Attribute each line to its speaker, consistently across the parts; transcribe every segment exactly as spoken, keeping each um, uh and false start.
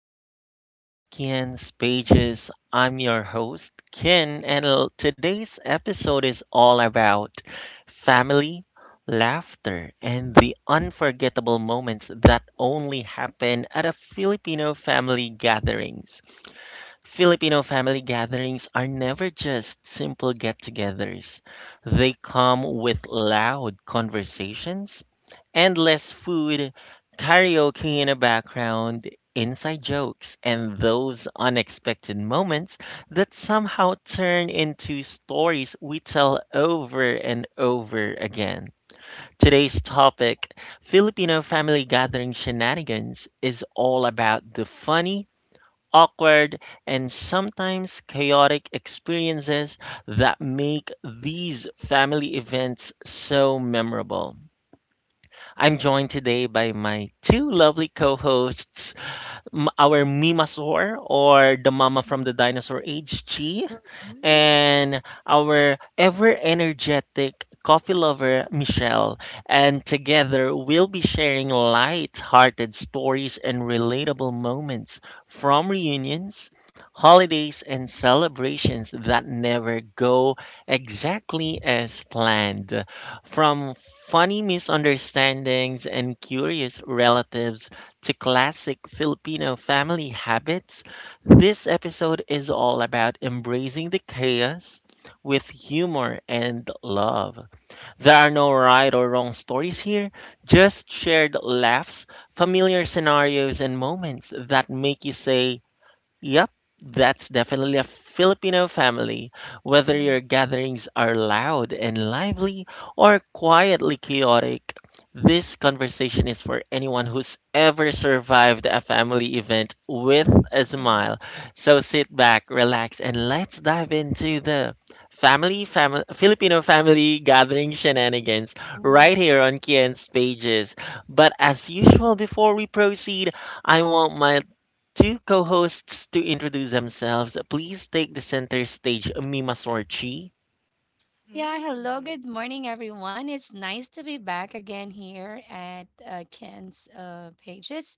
Speaker 1: welcome back to Kian's Pages. I'm your host, Kian, and l- today's episode is all about family, laughter, and the unforgettable moments that only happen at a Filipino family gatherings. Filipino family gatherings are never just simple get togethers, they come with loud conversations endless food, karaoke in the background, inside jokes, and those unexpected moments that somehow turn into stories we tell over and over again. Today's topic, Filipino family gathering shenanigans, is all about the funny, awkward, and sometimes chaotic experiences that make these family events so memorable. I'm joined
Speaker 2: Mhm.
Speaker 1: today by my two lovely co hosts, our Mima Sor, or the mama from the dinosaur age, Chi,
Speaker 3: Mm,
Speaker 1: and our ever energetic coffee lover, Michelle. And together, we'll be sharing light hearted stories and relatable moments from reunions, holidays, and celebrations that never go exactly as planned. From funny misunderstandings and curious relatives to classic Filipino family habits, this episode is all about embracing the chaos with humor and love. There are no right or wrong stories here, just shared laughs, familiar scenarios, and moments that make you say, Yep, that's definitely a Filipino family. Whether your
Speaker 2: Mhm.
Speaker 1: gatherings are loud and lively or quietly chaotic, this conversation is for anyone who's ever survived a family event with a
Speaker 2: Mhm.
Speaker 1: smile. So sit back, relax, and let's dive into the family, fam- Filipino family gathering shenanigans
Speaker 2: Mhm.
Speaker 1: right here on Kian's pages. But as usual, before we proceed, I want my two co-hosts to introduce themselves. Please take the center stage, Mima Sorchi.
Speaker 2: Yeah, hello, good
Speaker 3: mm,
Speaker 2: morning, everyone. It's nice to be back again here at uh, Ken's uh, Pages.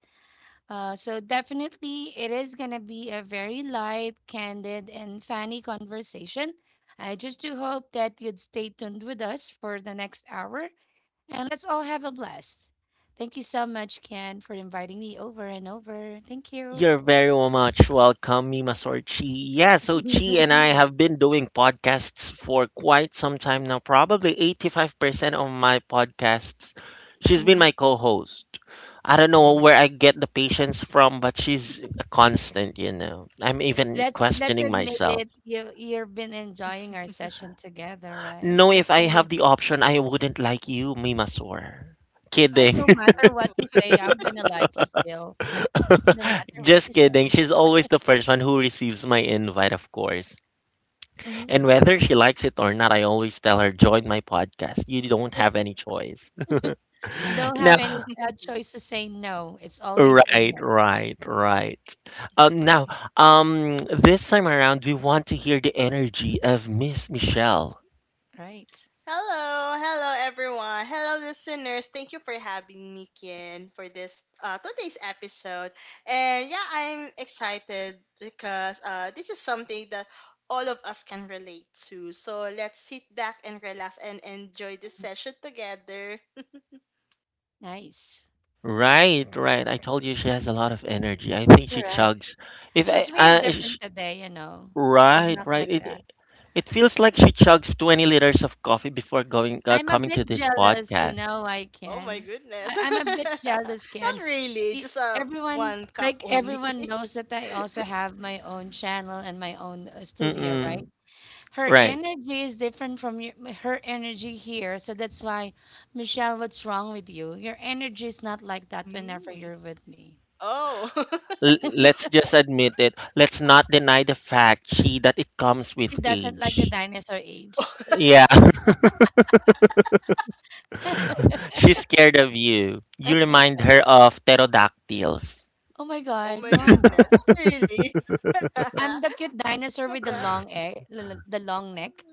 Speaker 2: Uh, so, definitely, it is going to be a very light, candid, and funny conversation. I just do hope that you'd stay tuned with us for the next hour and let's all have a blast. Thank you so much, Ken, for inviting me over and over. Thank you.
Speaker 1: You're very much welcome, Mima Sorchi. Yeah, so Chi and I
Speaker 2: Mhm.
Speaker 1: have
Speaker 3: mm.
Speaker 1: been doing podcasts for quite some time now, probably eighty-five percent of my podcasts. She's been
Speaker 2: Mhm.
Speaker 1: my co-host. I don't know
Speaker 2: Right.
Speaker 1: where I get the patience from, but she's a constant, you know. I'm even
Speaker 2: Let's let's
Speaker 1: questioning
Speaker 2: admit
Speaker 1: myself.
Speaker 2: it. You you've been enjoying our session together, right?
Speaker 1: No,
Speaker 2: That's
Speaker 1: if I
Speaker 2: why you.
Speaker 1: have the option, I wouldn't like you, Mimasor.
Speaker 2: I
Speaker 1: Kidding.
Speaker 2: no matter what
Speaker 3: Oh,
Speaker 2: you say, I'm gonna like you still. No matter what you
Speaker 1: Just
Speaker 2: say,
Speaker 1: kidding. She's always the first one who receives my invite, of course.
Speaker 2: hmm
Speaker 1: And whether
Speaker 3: mm.
Speaker 1: she likes it or not, I always tell her, join my podcast. You don't have any choice.
Speaker 2: don't have
Speaker 1: Now,
Speaker 2: any uh, choice to say no. It's always a
Speaker 1: right,
Speaker 2: yes,
Speaker 1: right, right. Um, now, um, this time around, we want to hear the energy of Miss Michelle.
Speaker 2: right?
Speaker 3: Hello, hello everyone. Hello listeners. Thank you for having me Kian for this uh today's episode. And yeah, I'm excited because uh this is something that all of us can relate to. So let's sit back and relax and enjoy this
Speaker 2: Mhm.
Speaker 3: session together.
Speaker 2: Nice,
Speaker 1: Right, right. I told you she has a lot of energy. I think she
Speaker 2: correct.
Speaker 1: chugs. If I,
Speaker 2: She's really
Speaker 1: I sh-
Speaker 2: different today, you know. She's
Speaker 1: Right,
Speaker 2: not
Speaker 1: right.
Speaker 2: like that.
Speaker 1: It, It feels like she chugs twenty liters of coffee before going uh,
Speaker 2: I'm a
Speaker 1: coming to
Speaker 2: bit
Speaker 1: this
Speaker 2: jealous, you
Speaker 1: podcast.
Speaker 2: know, I
Speaker 3: Oh my
Speaker 2: can.
Speaker 3: goodness.
Speaker 2: I, I'm a bit jealous,
Speaker 3: Not
Speaker 2: Ken.
Speaker 3: really,
Speaker 2: E-
Speaker 3: just uh,
Speaker 2: Everyone,
Speaker 3: one cup
Speaker 2: like
Speaker 3: only.
Speaker 2: everyone knows that I also have my own channel and my own uh, studio,
Speaker 1: Mm-mm,
Speaker 2: right? Her
Speaker 1: right.
Speaker 2: energy is different from your, m- her energy here. So that's why, Michelle, what's wrong with you? Your energy is not like that whenever
Speaker 3: Mm.
Speaker 2: you're with me.
Speaker 3: Oh.
Speaker 1: L- let's just admit it. Let's not deny the fact she that it comes with
Speaker 2: She doesn't
Speaker 1: age.
Speaker 2: like the dinosaur age.
Speaker 1: Yeah, she's scared of you. You remind her of pterodactyls.
Speaker 2: Oh my
Speaker 3: Oh
Speaker 2: God,
Speaker 3: my
Speaker 2: no, I'm
Speaker 3: goodness.
Speaker 2: not.
Speaker 3: Not really.
Speaker 2: I'm the cute dinosaur with the long egg, the long neck.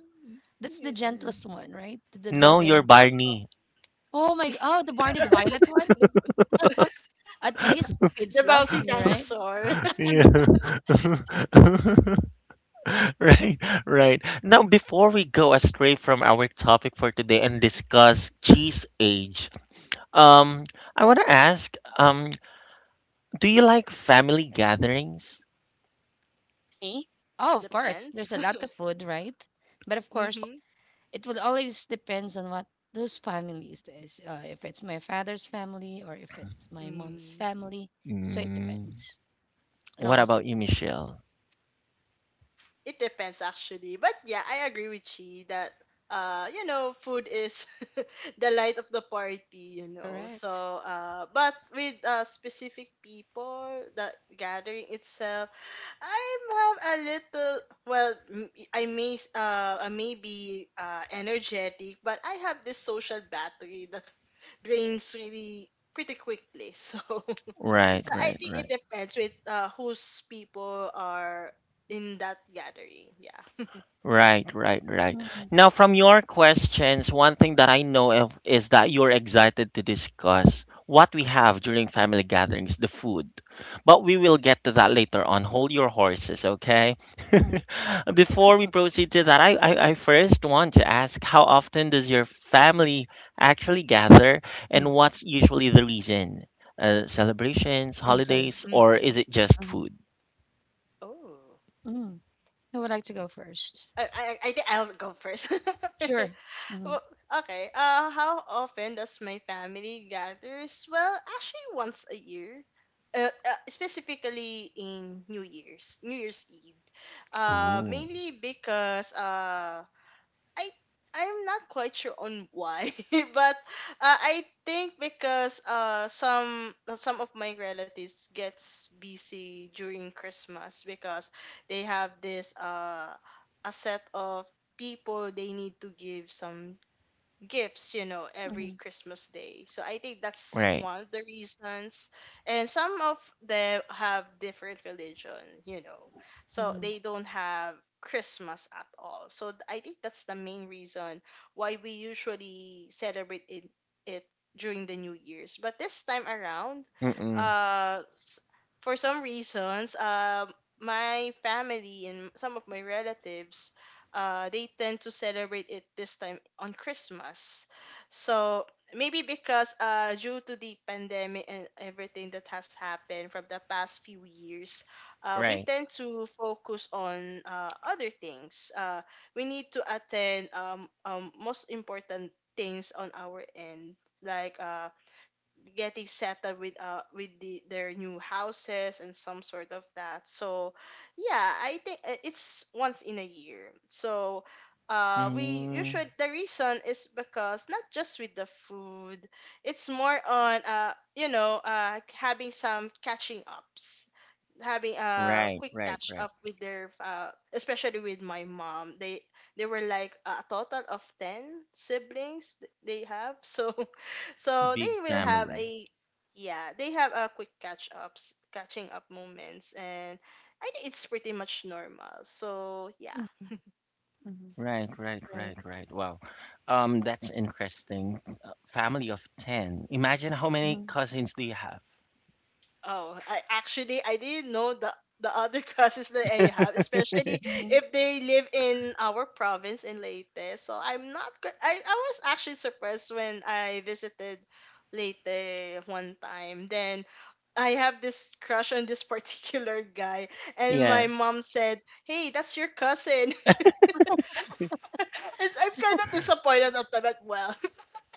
Speaker 2: That's the gentlest one, right? The the the
Speaker 1: No, you're
Speaker 2: the
Speaker 3: Um,
Speaker 1: Barney.
Speaker 2: oh my oh the Barney the Violet one.
Speaker 3: the,
Speaker 2: At least kids
Speaker 3: the
Speaker 2: loves
Speaker 3: bouncing
Speaker 2: me, right?
Speaker 3: dinosaur.
Speaker 1: Yeah. right, right. Now, before we go astray from our topic for today and discuss cheese age, um, I want to ask, um, do you like family gatherings?
Speaker 2: Me? Oh, of course.
Speaker 3: Depends.
Speaker 2: There's a lot of food, right? But of course,
Speaker 3: Mm-hmm.
Speaker 2: it will always depends on what those families is. Uh, if it's my father's family or if it's my mom's
Speaker 3: Mm.
Speaker 2: family, so it
Speaker 1: Mm.
Speaker 2: depends. It
Speaker 1: What
Speaker 2: always
Speaker 1: about you,
Speaker 2: depends.
Speaker 1: Michelle?
Speaker 3: It depends actually. But yeah, I agree with Chi that uh you know food is the light of the party, you know. So
Speaker 2: Correct.
Speaker 3: uh but with uh specific people the gathering itself I have a little well m- I may s- uh I may be uh energetic but I have this social battery that drains really pretty quickly. So,
Speaker 1: Right,
Speaker 3: so I
Speaker 1: right,
Speaker 3: think
Speaker 1: right.
Speaker 3: it depends with uh, whose people are in that gathering. Yeah.
Speaker 1: Right, right, right.
Speaker 2: Mm,
Speaker 1: Now, from your questions, one thing that I know of is that you're excited to discuss what we have during family gatherings, the food. But we will get to that later on. Hold your horses, okay?
Speaker 2: mm,
Speaker 1: Before we proceed to that, I, I, I first want to ask, how often does your family actually gather
Speaker 2: mm.
Speaker 1: and what's usually the reason? Uh, celebrations,
Speaker 2: I'm sorry.
Speaker 1: holidays, or
Speaker 3: Hmm.
Speaker 1: is it just
Speaker 2: Hmm.
Speaker 1: food?
Speaker 3: Oh,
Speaker 2: Mm. Who would like to go first?
Speaker 3: I I I think I'll go first.
Speaker 2: Sure. Mm-hmm.
Speaker 3: Well, okay. Uh, how often does my family gathers? Well, actually, once a year. Uh, uh, specifically in New Year's, New Year's Eve. Uh,
Speaker 1: Ooh,
Speaker 3: mainly because uh I I'm not quite sure on why, but uh, I think because uh some some of my relatives gets busy during Christmas because they have this uh a set of people they need to give some gifts, you know, every
Speaker 2: Mm-hmm.
Speaker 3: Christmas day. So I think that's
Speaker 1: right.
Speaker 3: one of the reasons. And some of them have different religion, you know. So
Speaker 2: Mm-hmm.
Speaker 3: they don't have Christmas at all. So th- I think that's the main reason why we usually celebrate it, it during the New Year's. But this time around,
Speaker 1: Mm-mm,
Speaker 3: uh, s- for some reasons, um, my family and some of my relatives uh, they tend to celebrate it this time on Christmas. So maybe because uh, due to the pandemic and everything that has happened from the past few years, uh, we
Speaker 1: right.
Speaker 3: tend to focus on uh, other things. Uh, we need to attend um, um, most important things on our end, like uh, getting settled with uh with the their new houses and some sort of that. So yeah, I think uh, it's once in a year. So uh we
Speaker 1: Mm.
Speaker 3: usually the reason is because not just with the food, it's more on uh you know uh having some catching ups, having a
Speaker 1: Right,
Speaker 3: quick
Speaker 1: right,
Speaker 3: catch
Speaker 1: right.
Speaker 3: up with their uh, especially with my mom. they they were like a total of ten siblings th- they have. So so
Speaker 1: Big
Speaker 3: they will
Speaker 2: Mm-hmm.
Speaker 3: have
Speaker 1: family.
Speaker 3: a, yeah, they have a quick catch ups, catching up moments, and I think it's pretty much normal. So yeah.
Speaker 2: Mm-hmm.
Speaker 1: Right, right,
Speaker 2: Right.
Speaker 1: right, right. Wow. Um, that's interesting. Uh, Family of ten. Imagine how many
Speaker 2: Mhm,
Speaker 1: cousins do you have?
Speaker 3: Oh, I actually I didn't know the the other cousins that I have, especially
Speaker 2: mhm,
Speaker 3: if they live in our province in Leyte. So I'm not. go- I I was actually surprised when I visited Leyte one time. Then I have this crush on this particular guy, and
Speaker 1: Yeah.
Speaker 3: my mom said, "Hey, that's your cousin." It's, I'm kind of disappointed at that. Well,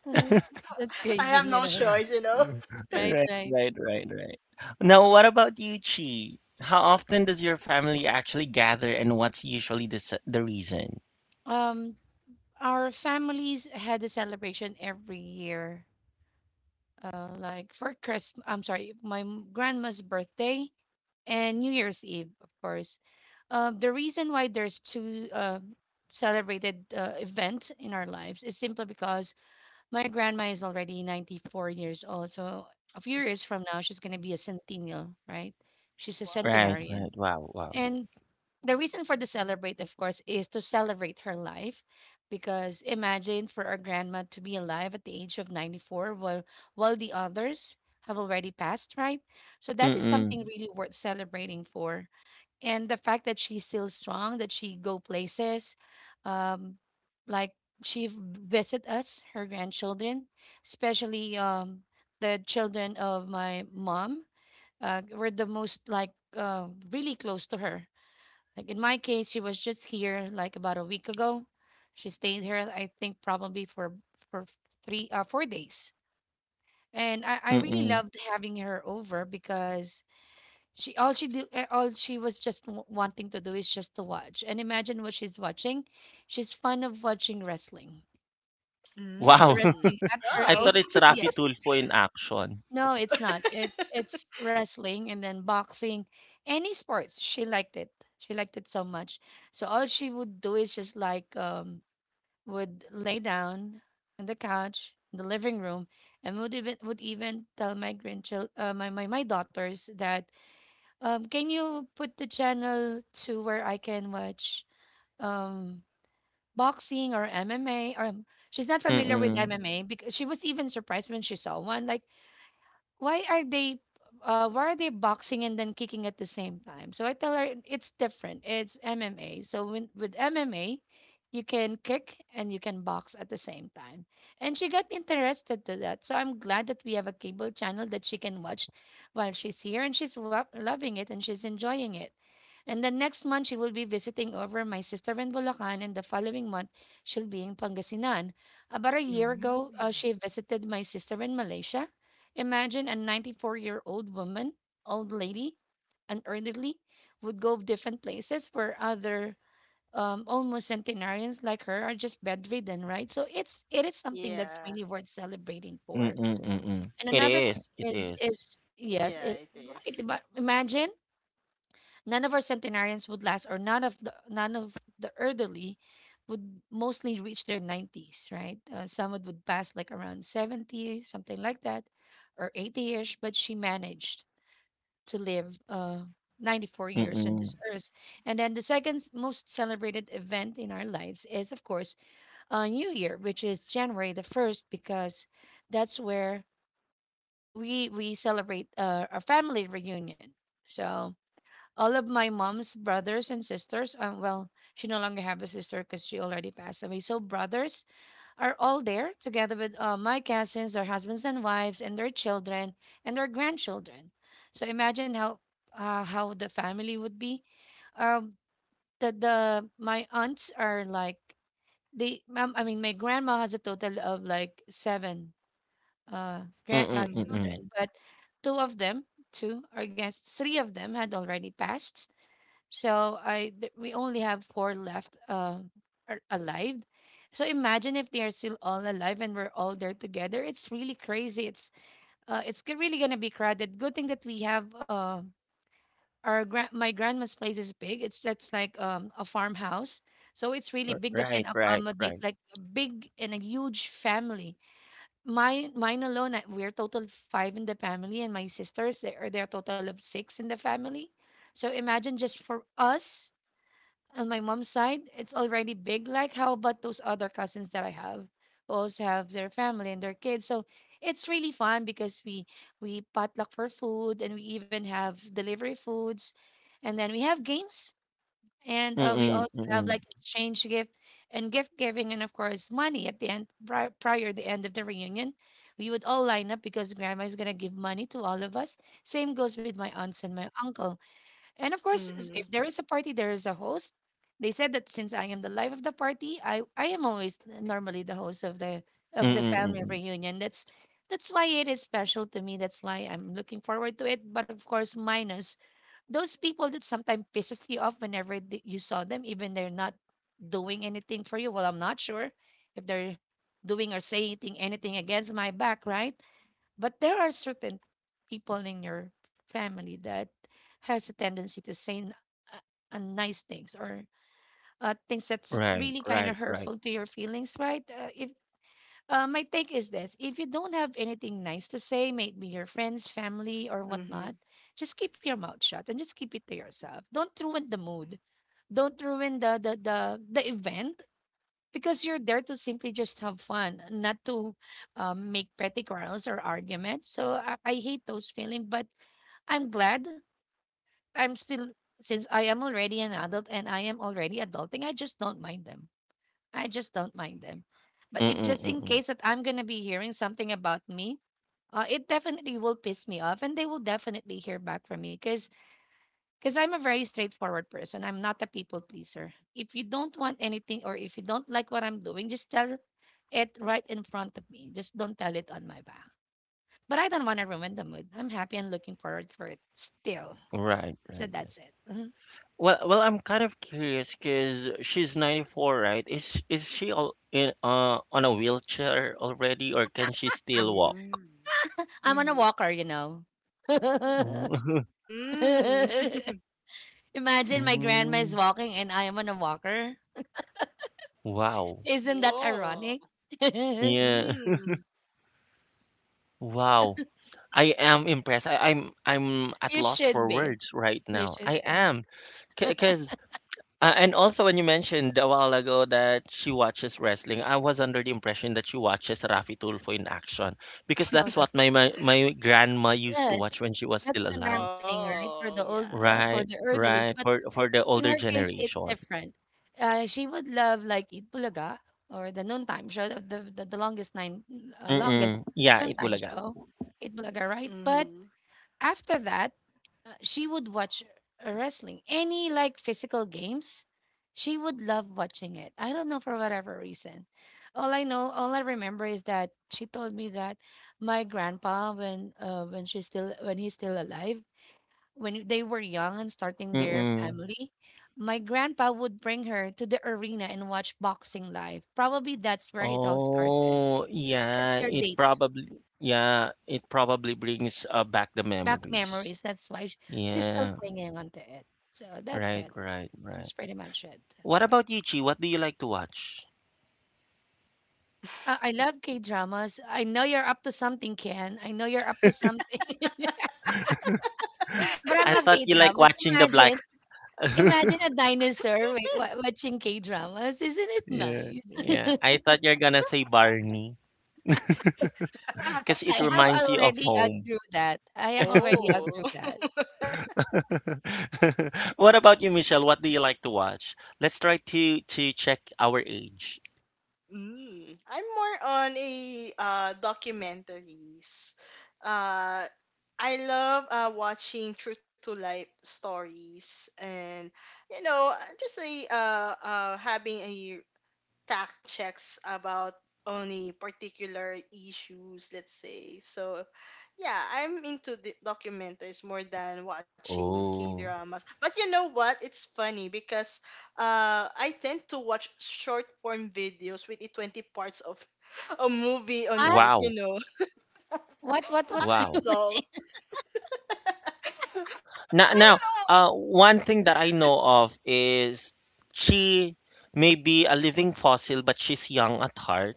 Speaker 2: uh-huh. That's
Speaker 3: I
Speaker 2: crazy,
Speaker 3: have
Speaker 2: you
Speaker 3: no
Speaker 2: know.
Speaker 3: choice, you know.
Speaker 2: Right,
Speaker 1: Right,
Speaker 2: right.
Speaker 1: right, right, right. Now, what about you, Chi? How often does your family actually gather and what's usually the s- the reason?
Speaker 2: Um, our families had a celebration every year. Uh, like for Christmas, I'm sorry, my m- grandma's birthday and New Year's Eve, of course. Uh, the reason why there's two uh, celebrated uh, events in our lives is simply because my grandma is already ninety-four years old. So a few years from now, she's going to be a centennial, right? She's a
Speaker 3: Wow.
Speaker 1: Right, right.
Speaker 2: centenarian.
Speaker 1: Wow, wow.
Speaker 2: And the reason for the celebrate, of course, is to celebrate her life. Because imagine for our grandma to be alive at the age of ninety-four while, while the others have already passed, right? So that is
Speaker 1: Mm-mm,
Speaker 2: something really worth celebrating for. And the fact that she's still strong, that she go places, um, like she v- visit us, her grandchildren, especially um, the children of my mom, uh, were the most like uh, really close to her like in my case, she was just here like about a week ago. She stayed here, I think, probably for for three uh four days. And I, I really
Speaker 1: mm-mm.
Speaker 2: loved having her over because she all she do uh, all she was just w- wanting to do is just to watch. And imagine what she's watching. She's fond of watching wrestling.
Speaker 1: Wow.
Speaker 3: Mm.
Speaker 2: Wrestling at her
Speaker 1: I
Speaker 3: Wow.
Speaker 1: thought
Speaker 2: age.
Speaker 1: it's Rafi
Speaker 2: Yes.
Speaker 1: Tulfo in action.
Speaker 2: No, it's not. It's it's wrestling and then boxing, any sports. She liked it. She liked it so much. So all she would do is just like um would lay down on the couch in the living room and would even would even tell my grandchild uh, my, my my daughters that um can you put the channel to where I can watch um boxing or M M A or um, she's not familiar with
Speaker 1: Mm-mm,
Speaker 2: M M A because she was even surprised when she saw one like why are they uh, why are they boxing and then kicking at the same time? So I tell her it's different. It's M M A. So when, with M M A, you can kick and you can box at the same time. And she got interested to that. So I'm glad that we have a cable channel that she can watch while she's here and she's lo- loving it and she's enjoying it. And then next month, she will be visiting over my sister in Bulacan, and the following month, she'll be in Pangasinan. About a year ago, uh,
Speaker 3: Mm.
Speaker 2: she visited my sister in Malaysia. Imagine a ninety-four year old woman, old lady, an elderly would go different places where other um, almost centenarians like her are just bedridden, right? So it's it is something that's
Speaker 3: Yeah,
Speaker 2: really worth celebrating for.
Speaker 1: mm-mm, mm-mm.
Speaker 2: And
Speaker 1: It
Speaker 2: another
Speaker 1: is, it
Speaker 2: thing is
Speaker 1: is.
Speaker 2: is yes,
Speaker 3: yeah,
Speaker 2: it
Speaker 3: it
Speaker 2: right.
Speaker 3: is.
Speaker 2: But imagine none of our centenarians would last, or none of the none of the elderly would mostly reach their nineties, right? Uh, some would would pass like around seventy, something like that, or eighty-ish, but she managed to live uh ninety-four years on
Speaker 1: Mm-mm.
Speaker 2: this earth. And then the second s- most celebrated event in our lives is, of course, uh, New Year, which is January the first, because that's where we we celebrate uh, our family reunion. So all of my mom's brothers and sisters um, well she no longer have a sister because she already passed away so brothers are all there together with uh, my cousins their husbands and wives and their children and their grandchildren so imagine how uh, how the family would be um the, the my aunts are like they um, I mean my grandma has a total of like seven uh, grand,
Speaker 1: Mm,
Speaker 2: uh
Speaker 3: Mhm.
Speaker 1: mm.
Speaker 2: children but two of them two or I guess three of them had already passed so I th- we only have four left uh, are alive. So imagine if they are still all alive and we're all there together. It's really crazy. It's uh, it's g- really gonna be crowded. Good thing that we have uh, our grand my grandma's place is big. It's That's like um, a farmhouse, so it's really
Speaker 1: R
Speaker 2: big that can
Speaker 1: right, right,
Speaker 2: accommodate
Speaker 1: right.
Speaker 2: like a big and a huge family. Mine mine alone, I- we're total five in the family, and my sisters they are there total of six in the family. So imagine just for us on my mom's side, it's already big. Like, how about those other cousins that I have who also have their family and their kids? So it's really fun because we we potluck for food and we even have delivery foods, and then we have games and uh, we
Speaker 1: Mm,
Speaker 2: also have
Speaker 1: mm.
Speaker 2: like exchange gift and gift giving and of course money at the end pri- prior the end of the reunion we would all line up because grandma is going to give money to all of us same goes with my aunts and my uncle and of course, s- if
Speaker 3: Mhm.
Speaker 2: there is a party, there is a host. They said that since I am the life of the party, I I am always th- normally the host of the of the
Speaker 1: Mm,
Speaker 2: family
Speaker 1: mm.
Speaker 2: reunion. That's that's why it is special to me. That's why I'm looking forward to it. But of course, minus those people that sometimes pisses you off whenever th- you saw them, even they're not doing anything for you. Well, I'm not sure if they're doing or saying anything anything against my back, right? But there are certain people in your family that has a tendency to say n- uh, unnice things or uh, things that's
Speaker 1: Right,
Speaker 2: really kind of
Speaker 1: right, right.
Speaker 2: hurtful to your feelings, right? Uh, if uh, My take is this: if you don't have anything nice to say, maybe your friends, family, or
Speaker 3: Mhm.
Speaker 2: whatnot, just keep your mouth shut and just keep it to yourself. Don't ruin the mood. Don't ruin the the the, the event because you're there to simply just have fun, not to um, make petty quarrels or arguments. So I, I hate those feelings, but I'm glad I'm still, since I am already an adult and I am already adulting, I just don't mind them. I just don't mind them. But if
Speaker 1: Mm,
Speaker 2: just in
Speaker 1: mm.
Speaker 2: case that I'm going to be hearing something about me, uh, it definitely will piss me off and they will definitely hear back from me because because I'm a very straightforward person. I'm not a people pleaser. If you don't want anything or if you don't like what I'm doing, just tell it right in front of me. Just don't tell it on my back. But I don't want to ruin the mood. I'm happy and looking forward for it still.
Speaker 1: Right,
Speaker 2: So
Speaker 1: right,
Speaker 2: that's
Speaker 1: right.
Speaker 2: it. Mhm.
Speaker 1: Well, well, I'm kind of curious, cause she's ninety-four, right? Is is she all in uh on a wheelchair already, or can she still walk?
Speaker 3: Mm.
Speaker 2: I'm on a
Speaker 3: Mm-hmm.
Speaker 2: walker, you know.
Speaker 1: Mm.
Speaker 3: Mm.
Speaker 2: Imagine my grandma
Speaker 1: Mm.
Speaker 2: is walking and I am on a walker.
Speaker 1: Wow.
Speaker 2: Isn't that
Speaker 3: Oh,
Speaker 2: ironic?
Speaker 1: Yeah.
Speaker 3: mm,
Speaker 1: Wow. I am impressed. I, I'm I'm at
Speaker 2: You
Speaker 1: loss
Speaker 2: should
Speaker 1: for
Speaker 2: be.
Speaker 1: words right
Speaker 2: You
Speaker 1: now.
Speaker 2: should
Speaker 1: I
Speaker 2: be.
Speaker 1: am.
Speaker 2: No,
Speaker 1: Cause. Uh, and also, when you mentioned a while ago that she watches wrestling, I was under the impression that she watches Rafi Tulfo in action because
Speaker 2: no,
Speaker 1: that's what my, my my grandma used to
Speaker 2: yes,
Speaker 1: watch when she was
Speaker 2: that's
Speaker 1: still
Speaker 2: the norm
Speaker 1: alive.
Speaker 2: thing, right?
Speaker 3: oh,
Speaker 2: For the
Speaker 3: yeah.
Speaker 2: old, uh, for
Speaker 1: Right,
Speaker 2: the elderlies.
Speaker 1: right.
Speaker 2: But
Speaker 1: For for the
Speaker 2: in
Speaker 1: older
Speaker 2: her case, it's
Speaker 1: generation.
Speaker 2: different. Uh, she would love like Eat Bulaga or the noontime show, the the, the longest nine, uh, longest
Speaker 1: Mm-mm. Yeah, it
Speaker 2: noontime
Speaker 1: bulaga.
Speaker 2: show, Eat Bulaga, right? But
Speaker 3: Mhm.
Speaker 2: after that, uh, she would watch uh, wrestling. Any like physical games, she would love watching it. I don't know for whatever reason. All I know, all I remember is that she told me that my grandpa, when uh, when she's still when he's still alive, when they were young and starting their
Speaker 1: Mm-mm.
Speaker 2: family, my grandpa would bring her to the arena and watch boxing live. Probably that's where it all started.
Speaker 1: Oh,
Speaker 2: That's
Speaker 1: yeah.
Speaker 2: their
Speaker 1: It
Speaker 2: date.
Speaker 1: probably Yeah. It probably brings uh, back the
Speaker 2: Back
Speaker 1: memories.
Speaker 2: memories. That's why sh- she's still
Speaker 1: Yeah.
Speaker 2: clinging onto it. So that's
Speaker 1: Right.
Speaker 2: it.
Speaker 1: Right. Right.
Speaker 2: That's pretty much it.
Speaker 1: What about you, Chi? What do you like to watch?
Speaker 2: Uh, I love K dramas. I know you're up to something, Ken. I know you're up to something. but I
Speaker 1: I
Speaker 2: love
Speaker 1: thought
Speaker 2: K
Speaker 1: you like
Speaker 2: dramas.
Speaker 1: watching the black.
Speaker 2: Imagine, imagine a dinosaur wa- wa- watching K dramas. Isn't it
Speaker 1: Yeah. Yeah,
Speaker 2: nice?
Speaker 1: I thought you're gonna say Barney because it
Speaker 2: I have
Speaker 1: reminds you of
Speaker 2: already
Speaker 1: home.
Speaker 2: outgrew that. I have already outgrew
Speaker 3: Oh,
Speaker 2: that.
Speaker 1: What about you, Michelle? What do you like to watch? Let's try to to check our age.
Speaker 3: mm. I'm more on a uh, documentaries. Uh, I love uh, watching true to life stories and you know, uh, just a uh, uh, having a fact checks about only particular issues, let's say. So yeah, I'm into the documentaries more than watching K
Speaker 1: Oh,
Speaker 3: dramas. But you know what? It's funny because uh I tend to watch short form videos with the twenty parts of a movie on
Speaker 2: What?
Speaker 3: it, you
Speaker 1: wow,
Speaker 3: know.
Speaker 2: What? What? What
Speaker 3: I
Speaker 2: are you
Speaker 1: wow.
Speaker 3: don't know.
Speaker 2: watching?
Speaker 3: I don't
Speaker 1: Now, now,
Speaker 3: know.
Speaker 1: uh, one thing that I know of is she may be a living fossil, but she's young at heart.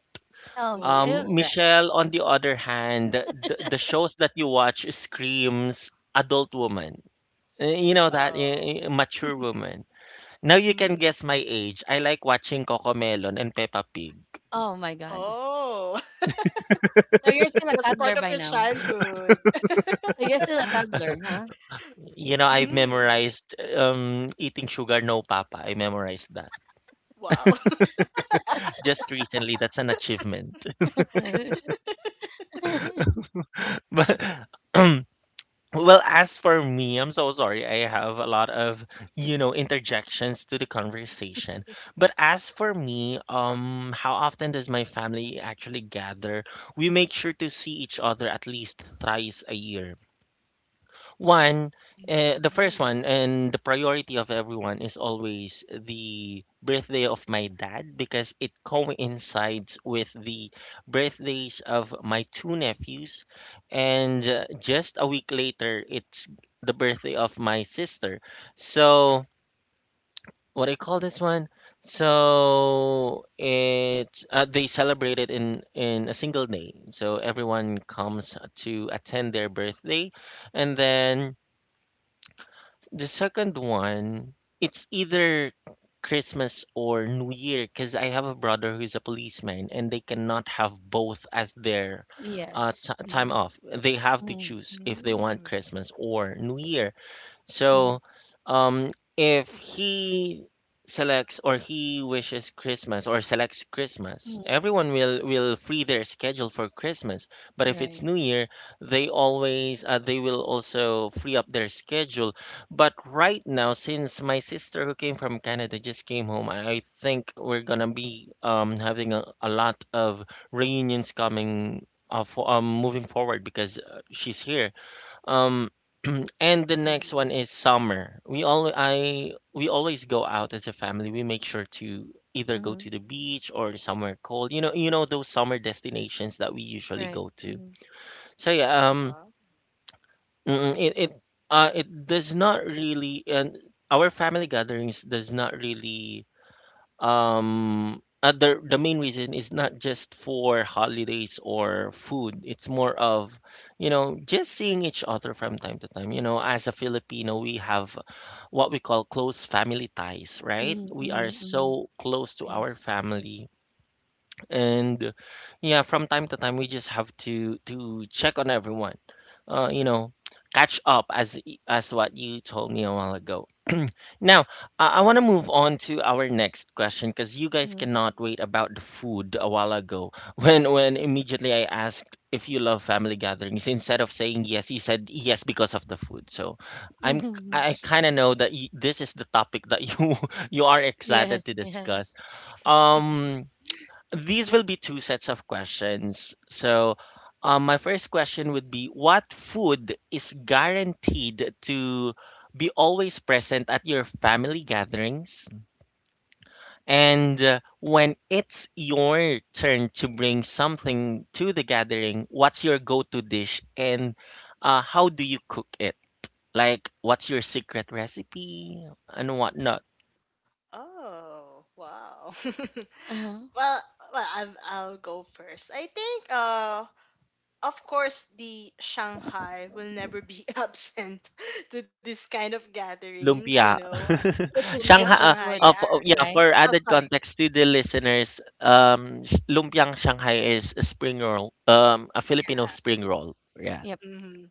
Speaker 2: Oh, you're
Speaker 1: Um,
Speaker 3: Oh.
Speaker 2: correct.
Speaker 1: Michelle, on the other hand, the, the shows that you watch screams adult woman. Eh, you know that
Speaker 3: Oh.
Speaker 1: eh, eh, mature woman. Now you can
Speaker 3: Mm.
Speaker 1: guess my age. I like watching Cocomelon and Peppa Pig.
Speaker 2: Oh my God.
Speaker 3: Oh.
Speaker 2: So you're still a
Speaker 3: That's part
Speaker 2: toddler
Speaker 3: of
Speaker 2: by
Speaker 3: your
Speaker 2: now.
Speaker 3: childhood.
Speaker 2: So you're still a toddler, huh?
Speaker 1: You know, I've
Speaker 3: Mm.
Speaker 1: memorized um, Eating Sugar No Papa. I memorized that
Speaker 3: Wow.
Speaker 1: just recently. That's an achievement. But Well, as for me, I'm so sorry. I have a lot of, you know, interjections to the conversation. But as for me, um, how often does my family actually gather? We make sure to see each other at least thrice a year. One, uh, the
Speaker 3: Mm,
Speaker 1: first one and the priority of everyone is always the birthday of my dad because it coincides with the birthdays of my two nephews. And uh, just a week later, it's the birthday of my sister. So, what I call this one? So it uh, they celebrate it in in a single day. So everyone comes to attend their birthday, and then the second one, it's either Christmas or New Year because I have a brother who's a policeman and they cannot have both as their uh, t-
Speaker 2: Yes.
Speaker 1: time
Speaker 2: Mhm.
Speaker 1: off. They have to
Speaker 2: Mhm.
Speaker 1: choose if they want
Speaker 3: mm,
Speaker 1: Christmas or New Year.
Speaker 2: Mhm.
Speaker 1: So, um, if he selects or he wishes Christmas or selects Christmas,
Speaker 2: Mhm.
Speaker 1: everyone will will free their schedule for Christmas. But if
Speaker 2: Right.
Speaker 1: it's New Year, they always uh, they will also free up their schedule. But right now, since my sister who came from Canada just came home, I, I think we're gonna be um having a, a lot of reunions coming. Uh, for, um, moving forward because uh, she's here um, and the
Speaker 3: mhm.
Speaker 1: next one is summer. We all I we always go out as a family. We make sure to either go
Speaker 2: Mhm.
Speaker 1: to the beach or somewhere cold. You know, you know those summer destinations that we usually
Speaker 2: Right.
Speaker 1: go to.
Speaker 2: Mhm.
Speaker 1: So yeah,
Speaker 3: Wow.
Speaker 1: um, mm, it it uh it does not really and our family gatherings does not really um other, the main reason is not just for holidays or food, it's more of, you know, just seeing each other from time to time. You know, as a Filipino, we have what we call close family ties, right?
Speaker 2: Mhm.
Speaker 1: We are
Speaker 2: Mhm. Mhm.
Speaker 1: so close to our
Speaker 2: Yes.
Speaker 1: family, and yeah, from time to time we just have to to check on everyone, uh, you know, catch up as as what you told me a while ago. Now, I, I want to move on to our next question because you guys
Speaker 2: Mhm.
Speaker 1: cannot wait about the food a while ago. When when immediately I asked if you love family gatherings, instead of saying yes, you said yes because of the food. So I'm
Speaker 2: Mhm.
Speaker 1: I kind of know that y this is the topic that you you are
Speaker 2: Yes.
Speaker 1: excited to discuss.
Speaker 2: Yes.
Speaker 1: Um, these will be two sets of questions. So, um, my first question would be, what food is guaranteed to be always present at your family gatherings? And uh, when it's your turn to bring something to the gathering, what's your go to dish and uh, how do you cook it? Like, what's your secret recipe and whatnot?
Speaker 3: Oh, wow.
Speaker 2: Uh-huh.
Speaker 3: Well, well, I've, I'll go first. I think, uh, of course, the Shanghai will never be absent to this kind of gatherings, you
Speaker 1: Lumpia.
Speaker 3: know.
Speaker 2: It's a
Speaker 3: Lumpia
Speaker 1: Shanghai.
Speaker 2: staple
Speaker 1: Ah,
Speaker 3: Shanghai,
Speaker 2: food,
Speaker 1: ah,
Speaker 3: yeah.
Speaker 1: fo Yeah,
Speaker 2: right?
Speaker 1: for
Speaker 3: Oh,
Speaker 1: added
Speaker 3: sorry.
Speaker 1: context to the listeners, um, sh lumpiang Shanghai is a spring roll, um, a Filipino
Speaker 3: Yeah.
Speaker 1: spring roll. Yeah.
Speaker 2: Yep.
Speaker 3: Hmm.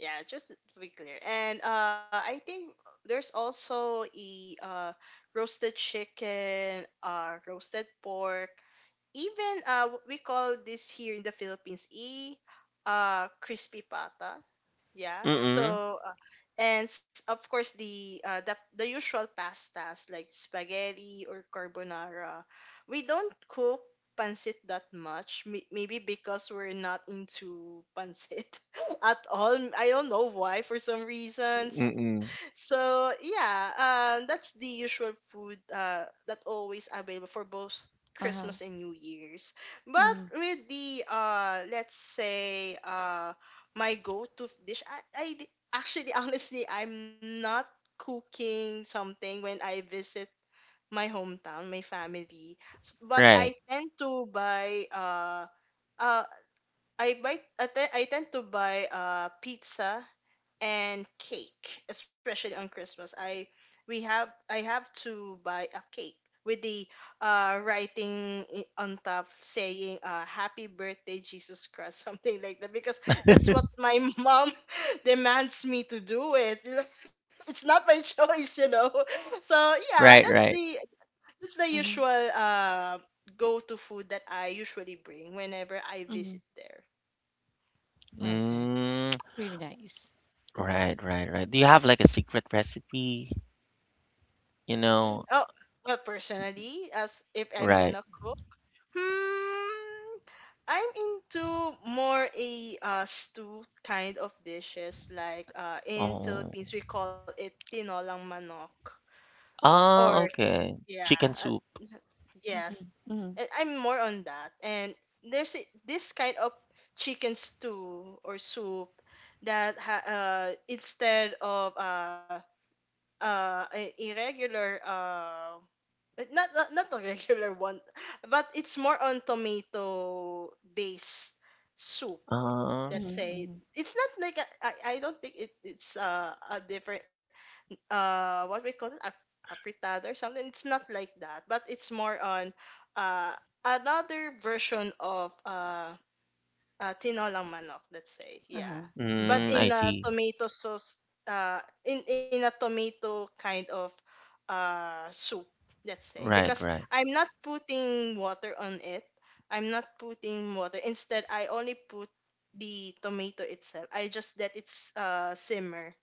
Speaker 3: Yeah, just to be clear. And uh, I think there's also a uh, roasted chicken, uh, roasted pork, even uh w- we call this here in the Philippines e uh crispy pata. Yeah.
Speaker 1: Mm-mm.
Speaker 3: So uh, and s- of course the uh the, the usual pastas like spaghetti or carbonara. We don't cook pancit that much. May- maybe because we're not into pancit at all. I don't know why, for some reasons.
Speaker 1: Mm-mm.
Speaker 3: So yeah, um that's the usual food uh that always available for both
Speaker 2: Uh-huh.
Speaker 3: Christmas and New Year's. But
Speaker 2: Mhm.
Speaker 3: with the uh let's say uh my go-to dish, I, I d- actually honestly I'm not cooking something when I visit my hometown, my family. S- But I
Speaker 1: Right.
Speaker 3: tend to buy uh uh I buy I, te- I tend to buy uh pizza and cake, especially on Christmas. I we have, I have to buy a cake with the uh writing i- on top saying uh happy birthday Jesus Christ, something like that, because that's what my mom demands me to do it. It's not my choice, you know. So yeah,
Speaker 1: Right,
Speaker 3: that's
Speaker 1: right.
Speaker 3: the that's the
Speaker 2: Mhm.
Speaker 3: usual uh go to food that I usually bring whenever I visit
Speaker 2: Mhm.
Speaker 3: there.
Speaker 2: Okay.
Speaker 1: Mm,
Speaker 2: Pretty nice.
Speaker 1: right, right, right. Do you have like a secret recipe? You
Speaker 3: Mm,
Speaker 1: know?
Speaker 3: oh, well, personally, as if I'm
Speaker 1: Right.
Speaker 3: gonna cook, hmm, I'm into more a uh, stew kind of dishes. Like uh, in
Speaker 1: Oh.
Speaker 3: Philippines, we call it tinolang manok. Or
Speaker 1: Ah, okay.
Speaker 3: yeah,
Speaker 1: Chicken
Speaker 3: uh,
Speaker 1: soup.
Speaker 3: yes,
Speaker 2: Mhm. Mhm.
Speaker 3: and I'm more on that. And there's a- this kind of chicken stew or soup that ha- uh, instead of uh, uh, a a regular uh, uh, not, not not a regular one, but it's more on tomato based soup.
Speaker 1: Ah.
Speaker 3: Let's
Speaker 2: Mhm.
Speaker 3: say
Speaker 2: Mhm.
Speaker 3: it's not like a, I I don't think it, it's uh, a different uh what we call it a, a frittata or something. It's not like that, but it's more on uh another version of uh uh, tinolang manok, let's say. Yeah.
Speaker 2: Uh-huh.
Speaker 3: But
Speaker 2: Mhm.
Speaker 1: Mm, I
Speaker 3: in a
Speaker 1: see.
Speaker 3: tomato sauce, uh, in, in a tomato kind of uh, soup, let's say.
Speaker 1: Right,
Speaker 2: Mhm.
Speaker 3: Because
Speaker 1: right.
Speaker 3: I'm not putting water on it. I'm not putting water. Instead, I only put the tomato itself. I just let it s- uh, simmer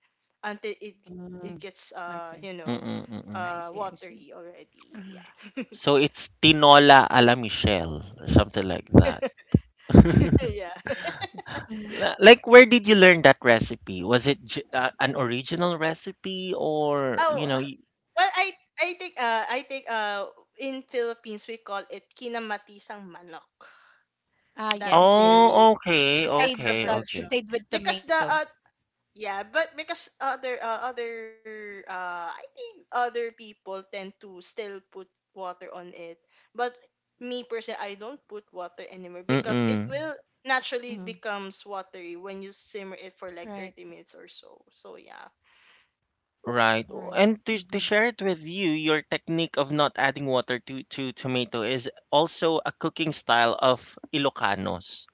Speaker 3: until it, it gets,
Speaker 2: Mhm.
Speaker 3: uh, you
Speaker 2: Okay.
Speaker 3: know,
Speaker 1: Mm-mm, mm-mm.
Speaker 3: uh,
Speaker 2: I see. I
Speaker 3: watery
Speaker 2: see.
Speaker 3: already. Yeah.
Speaker 2: Mhm.
Speaker 1: So it's tinola a la Michelle, something like that.
Speaker 3: Yeah.
Speaker 2: Mhm.
Speaker 1: La- Like, where did you learn that recipe? Was it j- uh, an original recipe or,
Speaker 3: Oh,
Speaker 1: you know? y-
Speaker 3: well, I I think uh I think uh in Philippines we call it kinamatisang manok.
Speaker 2: Ah,
Speaker 3: That's
Speaker 2: yes. Yes.
Speaker 1: Oh,
Speaker 3: the
Speaker 1: okay,
Speaker 3: that's
Speaker 2: Sauteed,
Speaker 3: the
Speaker 1: okay,
Speaker 2: uh,
Speaker 1: okay.
Speaker 3: version.
Speaker 2: sauteed with
Speaker 3: Because the
Speaker 2: tomato.
Speaker 3: uh, yeah, but because other uh, other uh I think other people tend to still put water on it. But me personally I don't put water anymore because it
Speaker 1: Mm-mm.
Speaker 3: will naturally
Speaker 2: Mm-hmm.
Speaker 3: becomes watery when you simmer it for like
Speaker 2: Right,
Speaker 3: thirty minutes or so. So yeah.
Speaker 1: Right. Oh,
Speaker 2: alright.
Speaker 1: and to, to
Speaker 2: Mhm.
Speaker 1: share it with you, your technique of not adding water to, to tomato is also a cooking style of Ilocanos.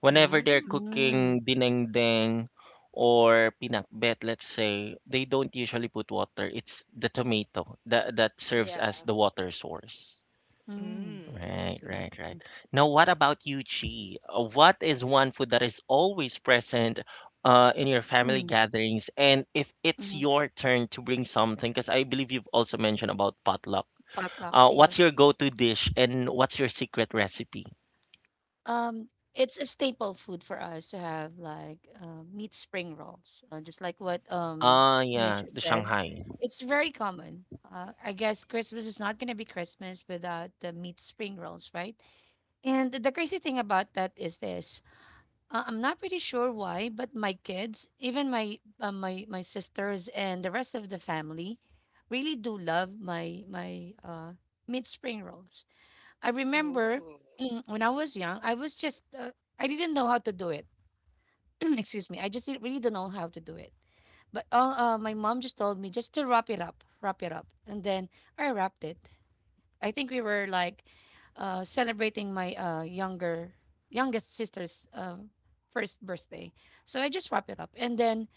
Speaker 1: Whenever they're
Speaker 3: Mm.
Speaker 2: Mm,
Speaker 1: cooking dinengdeng or pinakbet, let's say, they don't usually put water. It's the tomato that that serves
Speaker 3: Yeah.
Speaker 1: as the water source.
Speaker 2: mm,
Speaker 3: Mm.
Speaker 2: I
Speaker 1: Right,
Speaker 2: see.
Speaker 1: right, right. Now, what about you, Chi? Uh, What is one food that is always present uh, in your family
Speaker 2: Mhm,
Speaker 1: gatherings? And if it's
Speaker 2: mhm.
Speaker 1: your turn to bring something, because I believe you've also mentioned about potluck, uh,
Speaker 2: Potlucks,
Speaker 1: what's
Speaker 2: yes.
Speaker 1: your go-to dish and what's your secret recipe?
Speaker 2: Um, it's a staple food for us to have, like, uh, meat spring rolls, uh, just like what, um,
Speaker 1: Ah, yeah,
Speaker 2: Mitch
Speaker 1: the
Speaker 2: said.
Speaker 1: Shanghai.
Speaker 2: It's very common. Uh, I guess Christmas is not gonna be Christmas without the meat spring rolls, right? And the crazy thing about that is this. Uh, I'm not pretty sure why, but my kids, even my uh, my my sisters and the rest of the family, really do love my my uh, mid spring rolls. I remember
Speaker 3: Ooh.
Speaker 2: when I was young, I was just uh, I didn't know how to do it. Excuse me, I just didn't- really don't know how to do it. But uh, uh, my mom just told me just to wrap it up, wrap it up, and then I wrapped it. I think we were like uh, celebrating my uh, younger youngest sister's uh, first birthday. So I just wrap it up, and then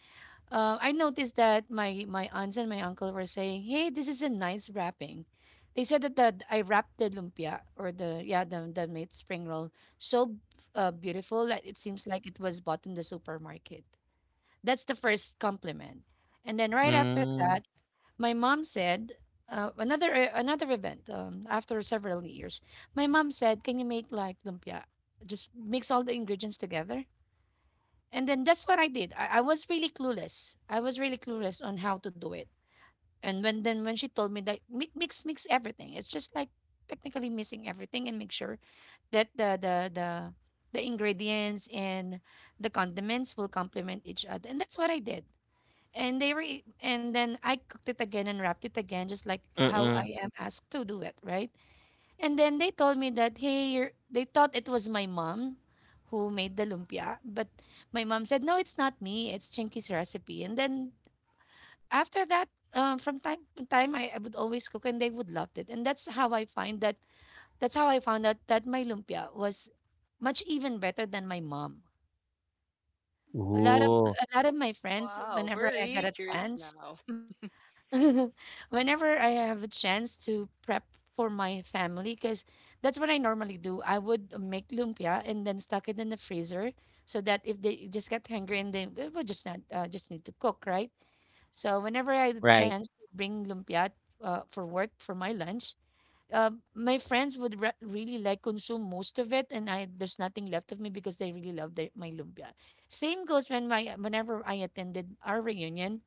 Speaker 2: uh, I noticed that my my aunts and my uncle were saying, "Hey, this is a nice wrapping." They said that the, I wrapped the lumpia or the yeah the the made spring roll so uh, beautiful that it seems like it was bought in the supermarket. That's the first compliment, and then right after
Speaker 1: Mm.
Speaker 2: that. My mom said, uh, another uh, another event um, after several years. My mom said, "Can you make like lumpia? Just mix all the ingredients together." And then that's what I did. I, I was really clueless. I was really clueless on how to do it. And when then when she told me that mi- mix mix everything, it's just like technically mixing everything and make sure that the the the the ingredients and the condiments will complement each other. And that's what I did. And they re and then I cooked it again and wrapped it again, just like how
Speaker 1: Mm.
Speaker 2: I am asked to do it, right? And then they told me that, hey, you're, they thought it was my mom who made the lumpia, but my mom said, no, it's not me, it's Chinky's recipe. And then after that, um, from time to time, I, I would always cook, and they would love it. And that's how I find that. That's how I found out that my lumpia was much even better than my mom. A lot of
Speaker 1: Ooh,
Speaker 2: a lot of my friends,
Speaker 3: Wow,
Speaker 2: whenever
Speaker 3: we're
Speaker 2: I got
Speaker 3: really
Speaker 2: a
Speaker 3: curious
Speaker 2: chance,
Speaker 3: now.
Speaker 2: whenever I have a chance to prep for my family, because that's what I normally do. I would make lumpia and then stuck it in the freezer so that if they just get hungry and they it would just not uh, just need to cook, right? So whenever I had a
Speaker 1: right.
Speaker 2: chance to bring lumpia uh, for work for my lunch, uh, my friends would re- really like consume most of it, and I there's nothing left of me because they really love their, my lumpia. Same goes when my whenever I attended our reunion,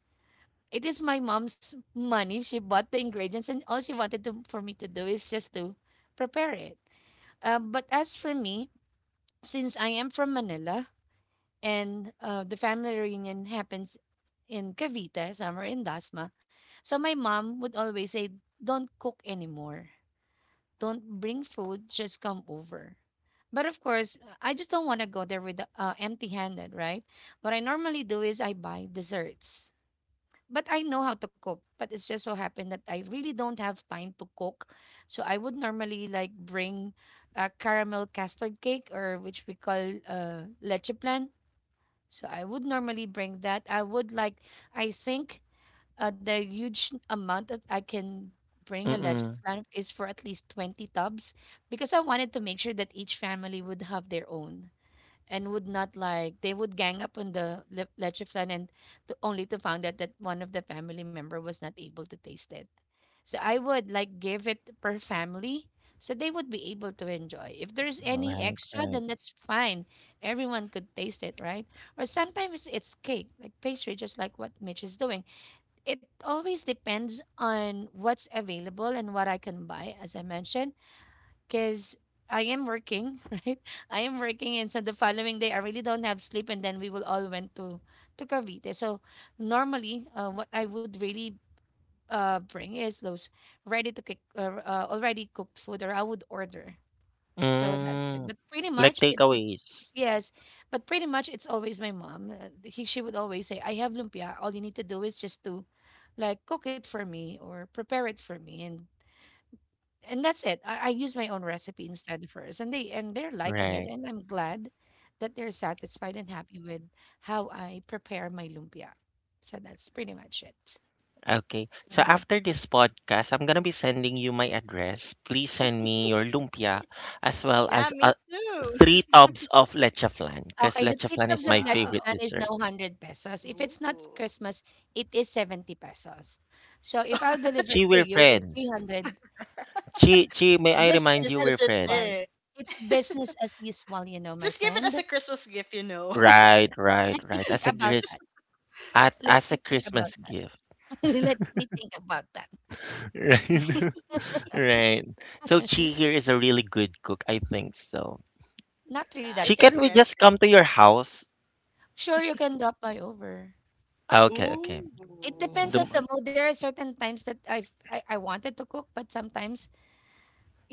Speaker 2: it is my mom's money. She bought the ingredients, and all she wanted to, for me to do is just to prepare it. Um, but as for me, since I am from Manila and uh, the family reunion happens in Cavite, somewhere in Dasma, so my mom would always say, "Don't cook anymore. Don't bring food. Just come over." But of course, I just don't want to go there with uh, empty-handed, right? What I normally do is I buy desserts but I know how to cook. But it's just so happened that I really don't have time to cook. So I would normally like bring a caramel custard cake or which we call uh, leche plan. So I would normally bring that. I would like, I think uh, the huge amount that I can bring a leche
Speaker 1: Mm.
Speaker 2: plan is for at least twenty tubs because I wanted to make sure that each family would have their own and would not like they would gang up on the le- leche flan and to, only to find out that one of the family member was not able to taste it, so I would like give it per family so they would be able to enjoy. If there's any
Speaker 1: Right,
Speaker 2: extra,
Speaker 1: right.
Speaker 2: then that's fine. Everyone could taste it, right? Or sometimes it's cake like pastry, just like what Mitch is doing. It always depends on what's available and what I can buy. As I mentioned, because I am working, right? I am working, and so the following day I really don't have sleep, and then we will all went to to Cavite. So normally, uh, what I would really uh bring is those ready to cook, uh, uh, already cooked food, or I would order. So that's it.
Speaker 1: Mm.
Speaker 2: But pretty
Speaker 1: Like
Speaker 2: much it would
Speaker 1: takeaways.
Speaker 2: yes, but pretty much it's always my mom. Uh, he, she would always say, "I have lumpia. All you need to do is just to, like, cook it for me or prepare it for me, and and that's it. I, I use my own recipe instead first, and they and they're liking it,
Speaker 1: Right.
Speaker 2: and I'm glad that they're satisfied and happy with how I prepare my lumpia. So that's pretty much it.
Speaker 1: Okay. So
Speaker 2: Mhm.
Speaker 1: after this podcast, I'm gonna be sending you my address. Please send me your lumpia as well
Speaker 3: Yeah,
Speaker 1: as
Speaker 3: me
Speaker 1: uh,
Speaker 3: too.
Speaker 1: three tubs of leche flan because
Speaker 2: Okay, the
Speaker 1: leche
Speaker 2: three
Speaker 1: flan is
Speaker 2: tubs of
Speaker 1: my
Speaker 2: leche
Speaker 3: Wow.
Speaker 1: favorite
Speaker 2: plan is now
Speaker 1: dessert.
Speaker 2: a hundred pesos. If it's not
Speaker 3: Ooh.
Speaker 2: Christmas, it is seventy pesos. So if I'll deliver it
Speaker 1: Chi,
Speaker 2: to
Speaker 1: we're
Speaker 2: you, it's
Speaker 1: friends.
Speaker 2: three hundred.
Speaker 1: Chi, Chi, may I
Speaker 2: Business
Speaker 1: remind
Speaker 3: This
Speaker 1: you
Speaker 2: as
Speaker 3: is
Speaker 1: we're
Speaker 3: it.
Speaker 2: usual.
Speaker 1: friends?
Speaker 3: Eh.
Speaker 2: It's business as usual, you know, my
Speaker 3: Just give it as
Speaker 2: friend.
Speaker 3: a Christmas gift, you know.
Speaker 1: Right,
Speaker 2: Let
Speaker 1: right,
Speaker 2: me
Speaker 1: right.
Speaker 2: think
Speaker 1: As a
Speaker 2: about
Speaker 1: gris-
Speaker 2: that.
Speaker 1: at
Speaker 2: Let
Speaker 1: as a
Speaker 2: me think about
Speaker 1: Christmas
Speaker 2: that.
Speaker 1: gift.
Speaker 2: Let me think about that.
Speaker 1: Right. Right. So Chi here is a really good cook. I think so.
Speaker 2: Not
Speaker 3: Yeah,
Speaker 2: really
Speaker 3: I
Speaker 2: that
Speaker 1: Chi,
Speaker 3: can
Speaker 2: much.
Speaker 1: can we
Speaker 3: sense
Speaker 1: just come to your house?
Speaker 2: Sure, you can drop by over.
Speaker 1: Ah,
Speaker 3: it.
Speaker 1: okay, okay.
Speaker 2: It
Speaker 3: Ooh.
Speaker 2: depends
Speaker 1: The,
Speaker 2: on
Speaker 3: It's
Speaker 2: the
Speaker 1: m-
Speaker 2: mood. There are certain times that I've, I I wanted to cook, but sometimes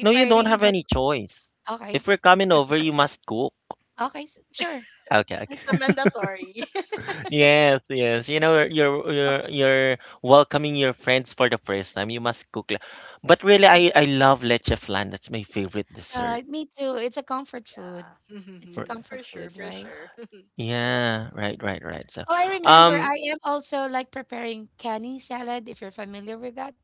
Speaker 1: no, you
Speaker 2: I
Speaker 1: don't
Speaker 2: really
Speaker 1: have
Speaker 2: don't,
Speaker 1: any choice.
Speaker 2: okay,
Speaker 1: If we're coming over, you must cook.
Speaker 2: okay, s- sure,
Speaker 1: Okay,
Speaker 2: I
Speaker 3: a
Speaker 1: okay.
Speaker 2: cook,
Speaker 3: mandatory.
Speaker 1: Yes, yes. You know, you're
Speaker 2: cook,
Speaker 1: you're you're welcoming your friends for the first time. You must cook. le- But really,
Speaker 2: sure.
Speaker 1: I I love leche flan. That's my favorite dessert.
Speaker 2: Right, me too. It's a comfort food.
Speaker 3: Yeah.
Speaker 2: It's a
Speaker 1: R-
Speaker 3: For
Speaker 2: comfort
Speaker 3: sure,
Speaker 2: food,
Speaker 3: for
Speaker 2: right?
Speaker 3: sure.
Speaker 1: Yeah, right, right, right. So,
Speaker 2: Oh, I remember.
Speaker 1: um,
Speaker 2: I am also like preparing canny salad. If you're familiar with that,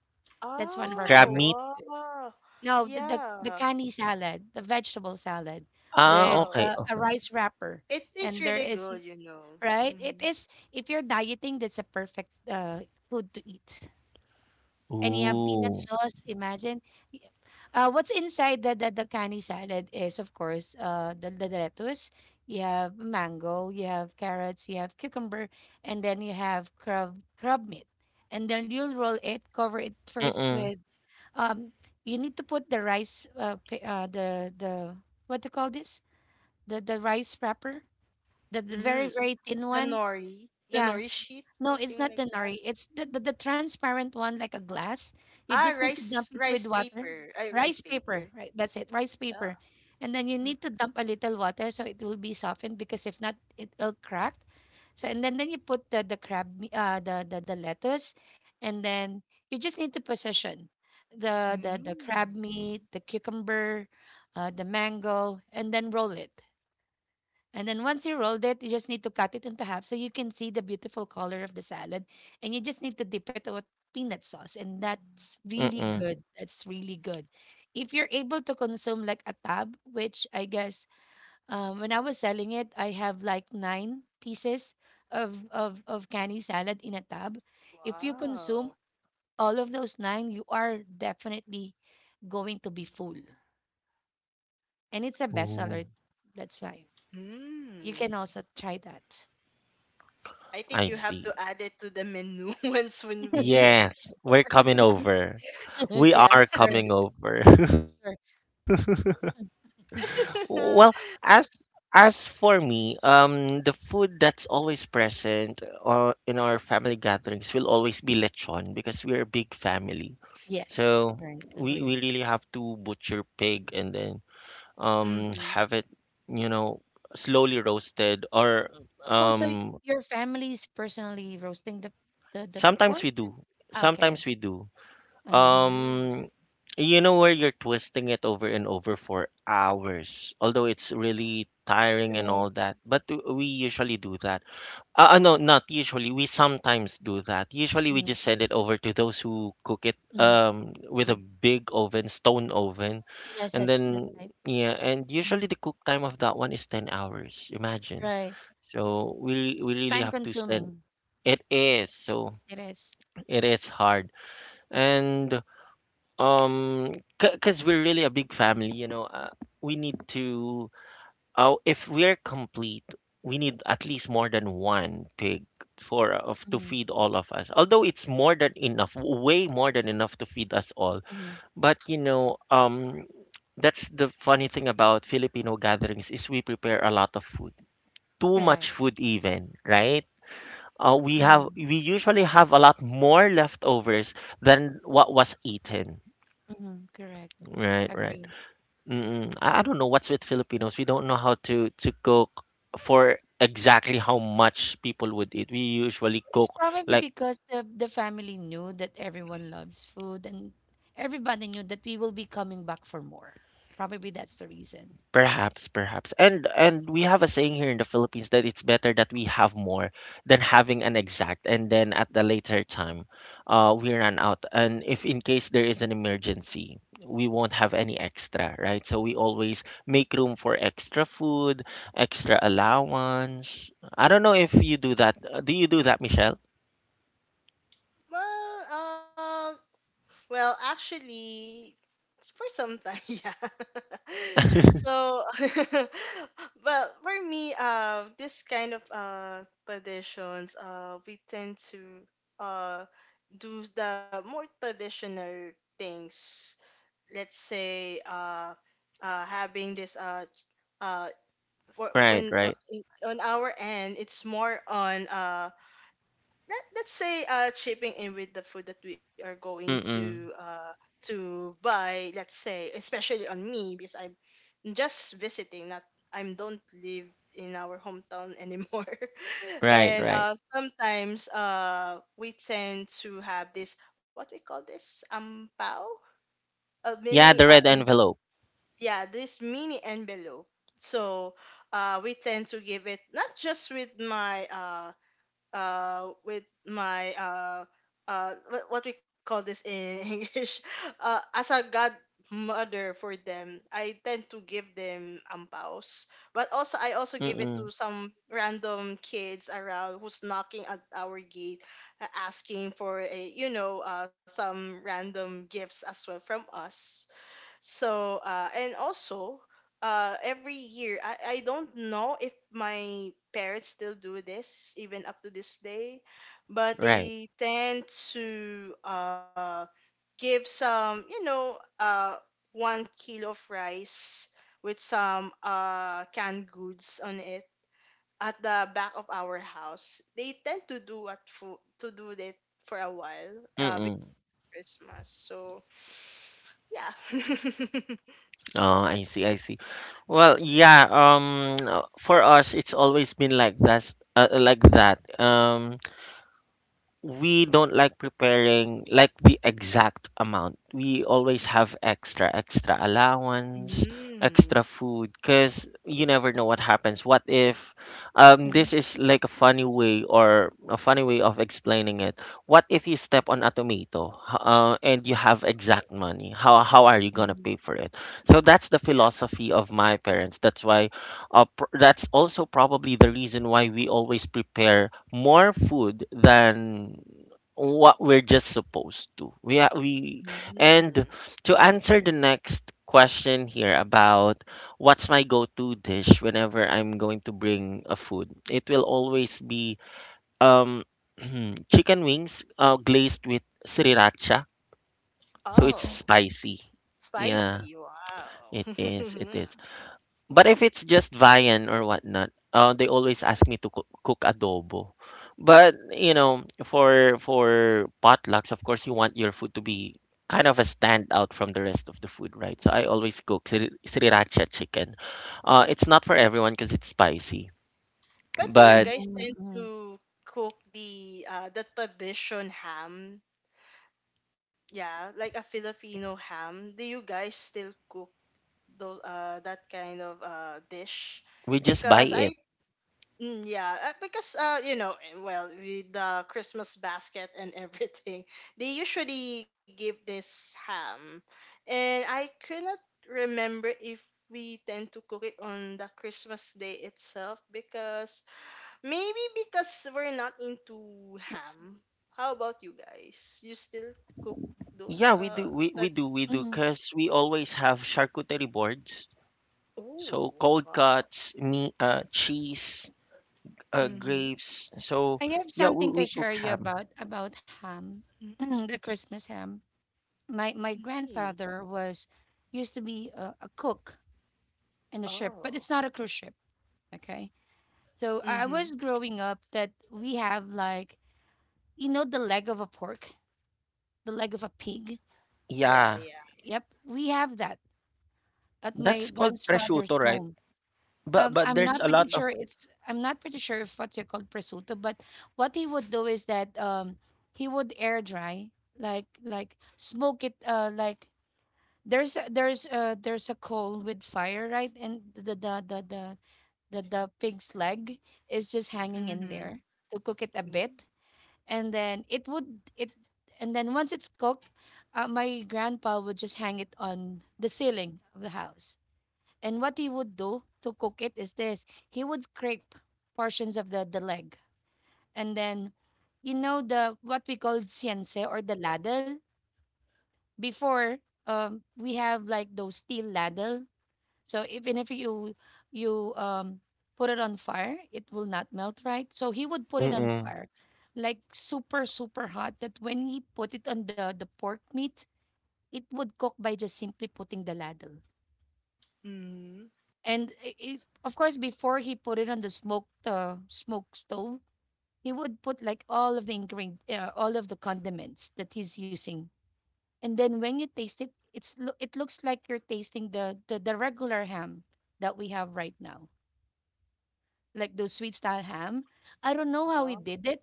Speaker 2: that's one of our
Speaker 1: crab
Speaker 2: favorites.
Speaker 1: meat.
Speaker 3: Oh,
Speaker 2: Too.
Speaker 3: wow.
Speaker 2: No, the the, the
Speaker 3: Yeah.
Speaker 2: canny salad, the vegetable salad
Speaker 1: Ah,
Speaker 2: with
Speaker 3: Wow.
Speaker 1: okay,
Speaker 2: uh, a
Speaker 1: okay.
Speaker 2: rice wrapper,
Speaker 3: It is
Speaker 2: and there
Speaker 3: really
Speaker 2: is.
Speaker 3: good, you know.
Speaker 2: Right? It
Speaker 3: Mhm.
Speaker 2: is. If you're dieting, that's a perfect uh, food to eat. And you have peanut
Speaker 1: Ooh.
Speaker 2: sauce, imagine. Y- Uh, what's inside the, the, the canny salad is, of course, uh, the, the lettuce. You have mango, you have carrots, you have cucumber, and then you have crab, crab meat. And then you'll roll it, cover it first
Speaker 1: Mm-mm,
Speaker 2: with, um, you need to put the rice, uh, pa- uh, the, the, what do you call this? The, the rice wrapper, the, the very,
Speaker 3: Mm.
Speaker 2: very thin
Speaker 3: The
Speaker 2: one.
Speaker 3: nori. The
Speaker 2: Yeah,
Speaker 3: nori sheet,
Speaker 2: no, it's
Speaker 3: something
Speaker 2: not the
Speaker 3: like that.
Speaker 2: nori. It's the, the, the transparent one, like a glass.
Speaker 3: Ah,
Speaker 2: You just need to
Speaker 3: rice
Speaker 2: dump it
Speaker 3: rice
Speaker 2: with water.
Speaker 3: paper. Ay, rice
Speaker 2: Rice paper,
Speaker 3: paper.
Speaker 2: right? That's it, rice
Speaker 3: Yeah.
Speaker 2: paper. And then you need to dump a little water so it will be softened because if not, it will crack. So and then then you put the the crab, me- uh, the the the lettuce, and then you just need to position the the the crab
Speaker 3: Mm.
Speaker 2: meat, the cucumber, uh, the mango, and then roll it. And then once you rolled it, you just need to cut it into half so you can see the beautiful color of the salad. And you just need to dip it with peanut sauce. And that's really
Speaker 1: mm-mm.
Speaker 2: good. That's really good. If you're able to consume like a tab, which I guess um, when I was selling it, I have like nine pieces of, of, of canny salad in a tab. If you consume
Speaker 3: Wow.
Speaker 2: all of those nine, you are definitely going to be full. And it's a
Speaker 1: Oh,
Speaker 2: bestseller. That's why. You
Speaker 3: Mm.
Speaker 2: can also try that.
Speaker 3: I think
Speaker 1: I
Speaker 3: you have
Speaker 1: see.
Speaker 3: to add it to the menu once when we get.
Speaker 1: Yes, we're coming over. We
Speaker 3: Yeah.
Speaker 1: are
Speaker 2: Sure,
Speaker 1: coming over.
Speaker 2: sure. Mm,
Speaker 1: Well, as as for me, um, the food that's always present or in our family gatherings will always be lechon because we're a big family.
Speaker 2: yes,
Speaker 1: So
Speaker 2: right.
Speaker 1: we
Speaker 2: Agree.
Speaker 1: we really have to butcher pig and then um
Speaker 3: Mm-hmm.
Speaker 1: have it, you know, slowly roasted or
Speaker 2: Oh, so
Speaker 1: um
Speaker 2: your family's personally roasting the the the, the
Speaker 1: sometimes
Speaker 2: pork?
Speaker 1: we
Speaker 2: The-
Speaker 1: do.
Speaker 2: Okay.
Speaker 1: Sometimes we do.
Speaker 2: Uh-huh.
Speaker 1: Um,
Speaker 3: Mm.
Speaker 1: you know where you're twisting it over and over for hours, although it's really tiring and
Speaker 2: Right.
Speaker 1: all that. But w- we usually do that. Uh, uh, no, not usually. We sometimes do that. Usually we
Speaker 2: Mm-hmm.
Speaker 1: just send it over to those who cook it
Speaker 2: Mm-hmm.
Speaker 1: um with a big oven, stone oven,
Speaker 2: Yes,
Speaker 1: and
Speaker 2: yes, that's
Speaker 1: then
Speaker 2: right.
Speaker 1: yeah, and usually
Speaker 2: Mhm.
Speaker 1: the cook time of that one is ten hours. Imagine.
Speaker 2: Right.
Speaker 1: So we we
Speaker 2: It's
Speaker 1: really
Speaker 2: time
Speaker 1: have to spend
Speaker 2: consuming.
Speaker 1: it is so
Speaker 2: It is.
Speaker 1: it is hard. And um, because we're really a big family, you know, uh, we need to, uh, if we're complete, we need at least more than one pig for uh, of to
Speaker 2: Mm-hmm.
Speaker 1: feed all of us. Although it's more than enough, way more than enough to feed us all.
Speaker 2: Mm-hmm.
Speaker 1: But you know, um, that's the funny thing about Filipino gatherings is we prepare a lot of food, too much
Speaker 2: Correct.
Speaker 1: food even, right? Uh, we have
Speaker 2: Mm-hmm.
Speaker 1: we usually have a lot more leftovers than what was eaten.
Speaker 2: Mm-hmm. Correct.
Speaker 1: Right, right.
Speaker 2: Agree.
Speaker 1: Mm, I I don't know what's with Filipinos. We don't know how to to cook for exactly how much people would eat. We usually
Speaker 2: It's
Speaker 1: cook
Speaker 2: probably
Speaker 1: like
Speaker 2: because the the family knew that everyone loves food and everybody knew that we will be coming back for more. Probably that's the reason.
Speaker 1: perhaps, perhaps. And and we have a saying here in the Philippines that it's better that we have more than having an exact and then at the later time uh we run out. And if in case there is an emergency, we won't have any extra, right? So we always make room for extra food, extra allowance. I don't know if you do that. Uh, Do you do that, Michelle?
Speaker 3: Well, um, well, actually, it's for some time, yeah. So, well, for me, uh, this kind of uh traditions, uh, we tend to uh do the more traditional things, let's say uh uh having this uh uh for
Speaker 1: Right,
Speaker 3: when uh,
Speaker 1: right.
Speaker 3: in- on our end it's more on uh let, let's say uh chipping in with the food that we are going to
Speaker 1: Mm-mm.
Speaker 3: uh to buy, let's say, especially on me because I just visiting, not I am don't live in our hometown anymore
Speaker 1: Right,
Speaker 3: and
Speaker 1: right.
Speaker 3: uh sometimes uh we tend to have this what we call this ampao, a mini
Speaker 1: Yeah, the
Speaker 3: uh
Speaker 1: red
Speaker 3: in,
Speaker 1: envelope.
Speaker 3: yeah, this mini envelope. So uh we tend to give it not just with my uh uh with my uh uh what, what we call this in English, uh as a godmother for them I tend to give them ampaws, but also I also give it
Speaker 1: Mm-mm.
Speaker 3: to some random kids around who's knocking at our gate, uh, asking for a, you know, uh some random gifts as well from us. So, uh, and also, uh, every year, I, I don't know if my parents still do this, even up to this day, but
Speaker 1: Right.
Speaker 3: they tend to uh, give some, you know, uh, one kilo of rice with some uh, canned goods on it at the back of our house. They tend to do at fo- to do that for a while uh, before
Speaker 1: Mm-mm.
Speaker 3: Christmas. So, yeah.
Speaker 1: Oh, I see, I see. Well, yeah, um uh, for us it's always been like that uh, like that. Um we don't like preparing like the exact amount. We always have extra, extra allowance,
Speaker 3: Mm.
Speaker 1: extra food, because you never know what happens. What if, um, this is like a funny way or a funny way of explaining it. What if you step on a tomato, h- uh, and you have exact money? How how are you gonna
Speaker 3: Mhm.
Speaker 1: pay for it? So that's the
Speaker 3: Yeah.
Speaker 1: philosophy of my parents. That's why, uh, pr- that's also probably the reason why we always prepare more food than what we're just supposed to. We ha- we
Speaker 3: Mm.
Speaker 1: And to answer the next question here about what's my go-to dish whenever I'm going to bring a food, it will always be um chicken wings uh, glazed with sriracha, so it's
Speaker 3: Oh,
Speaker 2: Uh-huh.
Speaker 1: spicy. Yeah,
Speaker 3: spicy.
Speaker 1: it is. It
Speaker 3: Wow.
Speaker 1: is. But if it's just viand or whatnot, uh, they always ask me to cook, cook adobo. But you know, for for potlucks, of course, you want your food to be kind of a standout from the rest of the food, right? So I always cook sri- sriracha chicken. Uh, it's not for everyone because it's spicy,
Speaker 3: But do you
Speaker 1: but
Speaker 3: guys tend
Speaker 2: Mm-hmm.
Speaker 3: to cook the uh the tradition ham? Yeah, like a Filipino ham. Do you guys still cook those uh that kind of uh dish?
Speaker 1: we just buy
Speaker 3: Because
Speaker 1: it.
Speaker 3: I... Mm, yeah, uh, because uh, you know, eh, well, with the Christmas basket and everything, they usually give this ham, and I cannot remember if we tend to cook it on the Christmas day itself because maybe because we're not into ham. How about you guys? You still cook those?
Speaker 1: Yeah,
Speaker 3: Uh,
Speaker 1: we do,
Speaker 3: that.
Speaker 1: we, we do, we do,
Speaker 2: Mm-hmm.
Speaker 1: because we always have charcuterie boards. So
Speaker 3: Oh,
Speaker 1: cold
Speaker 3: wow.
Speaker 1: cuts, meat, uh, cheese, uh,
Speaker 3: Mm-hmm.
Speaker 1: grapes. So
Speaker 2: I have
Speaker 1: yeah, we,
Speaker 2: something
Speaker 1: we
Speaker 2: to
Speaker 1: cook
Speaker 2: share you
Speaker 1: ham.
Speaker 2: about about ham, the
Speaker 3: Mm-hmm.
Speaker 2: Christmas ham. My my
Speaker 3: Hmm.
Speaker 2: grandfather was used to be a, a cook in a ship, but
Speaker 3: Oh.
Speaker 2: it's not a cruise ship. Okay, so I I
Speaker 3: Mm-hmm.
Speaker 2: was growing up that we have like, you know, the leg of a pork, the leg of a pig.
Speaker 3: Yeah,
Speaker 1: Yeah,
Speaker 3: yeah.
Speaker 2: Yep, we have that at my
Speaker 1: that's called
Speaker 2: grandfather's
Speaker 1: prosciutto, right?
Speaker 2: home.
Speaker 1: But
Speaker 2: Um,
Speaker 1: but
Speaker 2: I'm
Speaker 1: there's
Speaker 2: not
Speaker 1: a lot
Speaker 2: pretty
Speaker 1: of
Speaker 2: sure it's I'm not pretty sure if what you call prosciutto, but what he would do is that um he would air dry like like smoke it uh like there's a, there's uh there's a coal with fire, right, and the the the the the, the pig's leg is just hanging in
Speaker 3: Mm-hmm.
Speaker 2: there to cook it a bit and then it would it and then once it's cooked, uh, my grandpa would just hang it on the ceiling of the house. And what he would do to cook it is this: he would scrape portions of the, the leg. And then, you know, the, what we call siense or the ladle. Before, um, we have like those steel ladle. So even if you you um put it on fire, it will not melt, right? So he would put it on
Speaker 1: mm-mm,
Speaker 2: fire, like super, super hot, that when he put it on the, the pork meat, it would cook by just simply putting the ladle.
Speaker 3: Mhm.
Speaker 2: And i- if, of course, before he put it on the smoked uh, smoke stove, he would put like all of the ingredient, uh, all of the condiments that he's using. And then when you taste it, it's lo- it looks like you're tasting the, the the regular ham that we have right now, like those sweet style ham. I don't know how he
Speaker 3: Wow.
Speaker 2: did it,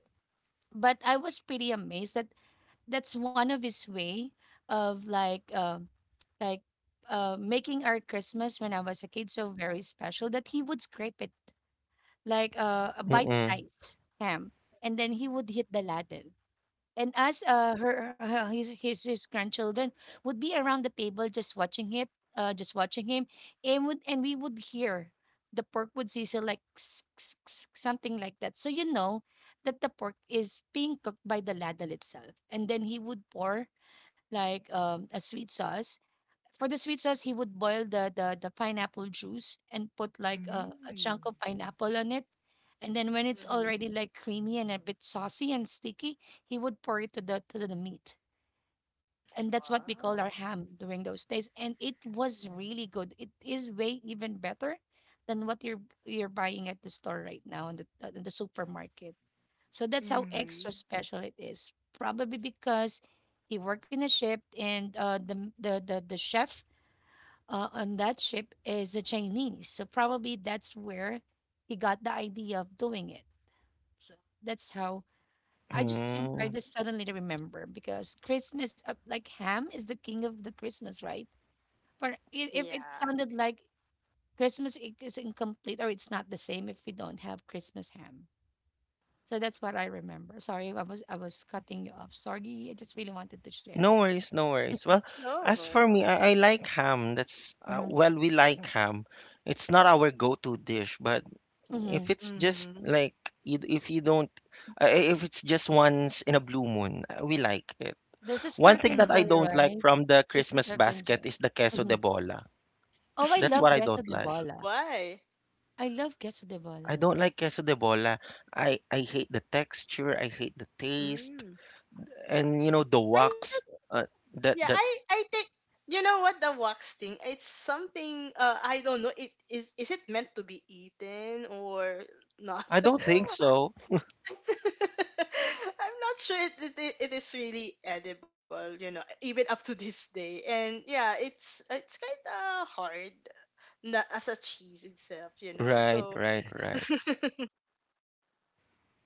Speaker 2: but I was pretty amazed that that's one of his way of like uh, like uh, making our Christmas when I was a kid so very special, that he would scrape it like uh, a bite
Speaker 1: mm-mm,
Speaker 2: sized ham, and then he would hit the Latin. And us, uh, her, her his, his his grandchildren would be around the table just watching it, uh, just watching him, and would and we would hear the pork would sizzle like something like that. So you know that the pork is being cooked by the ladle itself, and then he would pour like um, a sweet sauce. For the sweet sauce, he would boil the the, the pineapple juice and put like a, a
Speaker 3: Mm.
Speaker 2: chunk of pineapple on it. And then when it's
Speaker 3: Mhm.
Speaker 2: already like creamy and a bit saucy and sticky, he would pour it to the to the meat. And that's what we called
Speaker 3: Wow.
Speaker 2: our ham during those days. And it was really good. It is way even better than what you're you're buying at the store right now in the uh, in the supermarket. So that's how extra
Speaker 3: Mhm.
Speaker 2: special it is. Probably because he worked in a ship, and uh, the, the the the chef uh, on that ship is a Chinese. So probably that's where he got the idea of doing it. So that's how I just seem- I
Speaker 1: mm.
Speaker 2: just suddenly remember, because Christmas, uh, like ham, is the king of the Christmas, right? But i- if it
Speaker 3: Yeah.
Speaker 2: sounded like Christmas i- is incomplete, or it's not the same if we don't have Christmas ham. So that's what I remember. Sorry, I was I was cutting you off. Sorry, I just really wanted to share.
Speaker 1: No worries, no worries. Well,
Speaker 3: No.
Speaker 1: as for me,
Speaker 3: Yeah.
Speaker 1: I, I like ham. That's uh,
Speaker 2: hmm
Speaker 1: well, we like ham. It's not our go-to dish, but if
Speaker 2: hmm
Speaker 1: it's just
Speaker 3: Mhm.
Speaker 1: like you- if you don't, uh, if it's just once in a blue moon, uh, we like it.
Speaker 2: There's a
Speaker 1: One thing
Speaker 2: certain
Speaker 1: that
Speaker 3: Mhm.
Speaker 1: I
Speaker 2: joy,
Speaker 1: don't like
Speaker 2: right?
Speaker 1: from the
Speaker 2: There's a
Speaker 1: Christmas
Speaker 2: certain joy.
Speaker 1: basket is the queso
Speaker 2: Mm-hmm.
Speaker 1: de bola.
Speaker 2: Oh, I
Speaker 1: That's
Speaker 2: love
Speaker 1: what I
Speaker 2: queso
Speaker 1: don't
Speaker 2: de
Speaker 1: like.
Speaker 2: bola.
Speaker 3: Why?
Speaker 2: I love queso de
Speaker 1: I
Speaker 2: bola.
Speaker 1: don't like queso de bola. I I hate the texture, I hate the taste,
Speaker 3: Mm.
Speaker 1: and you know the
Speaker 3: I don't.
Speaker 1: wax uh,
Speaker 2: Mhm.
Speaker 3: Yeah.
Speaker 1: that
Speaker 3: I...
Speaker 1: that
Speaker 3: I think... You know what, the wax thing? It's something. Uh. I don't know. It is. Is it meant to be eaten or
Speaker 2: Uh-huh.
Speaker 3: not?
Speaker 1: I don't think so.
Speaker 3: I'm not sure it, it, it it is really edible, you know, even up to this day. And yeah, it's it's kind of hard,
Speaker 2: Mhm.
Speaker 3: not as a cheese itself, you know.
Speaker 1: Right,
Speaker 3: So,
Speaker 1: right, right.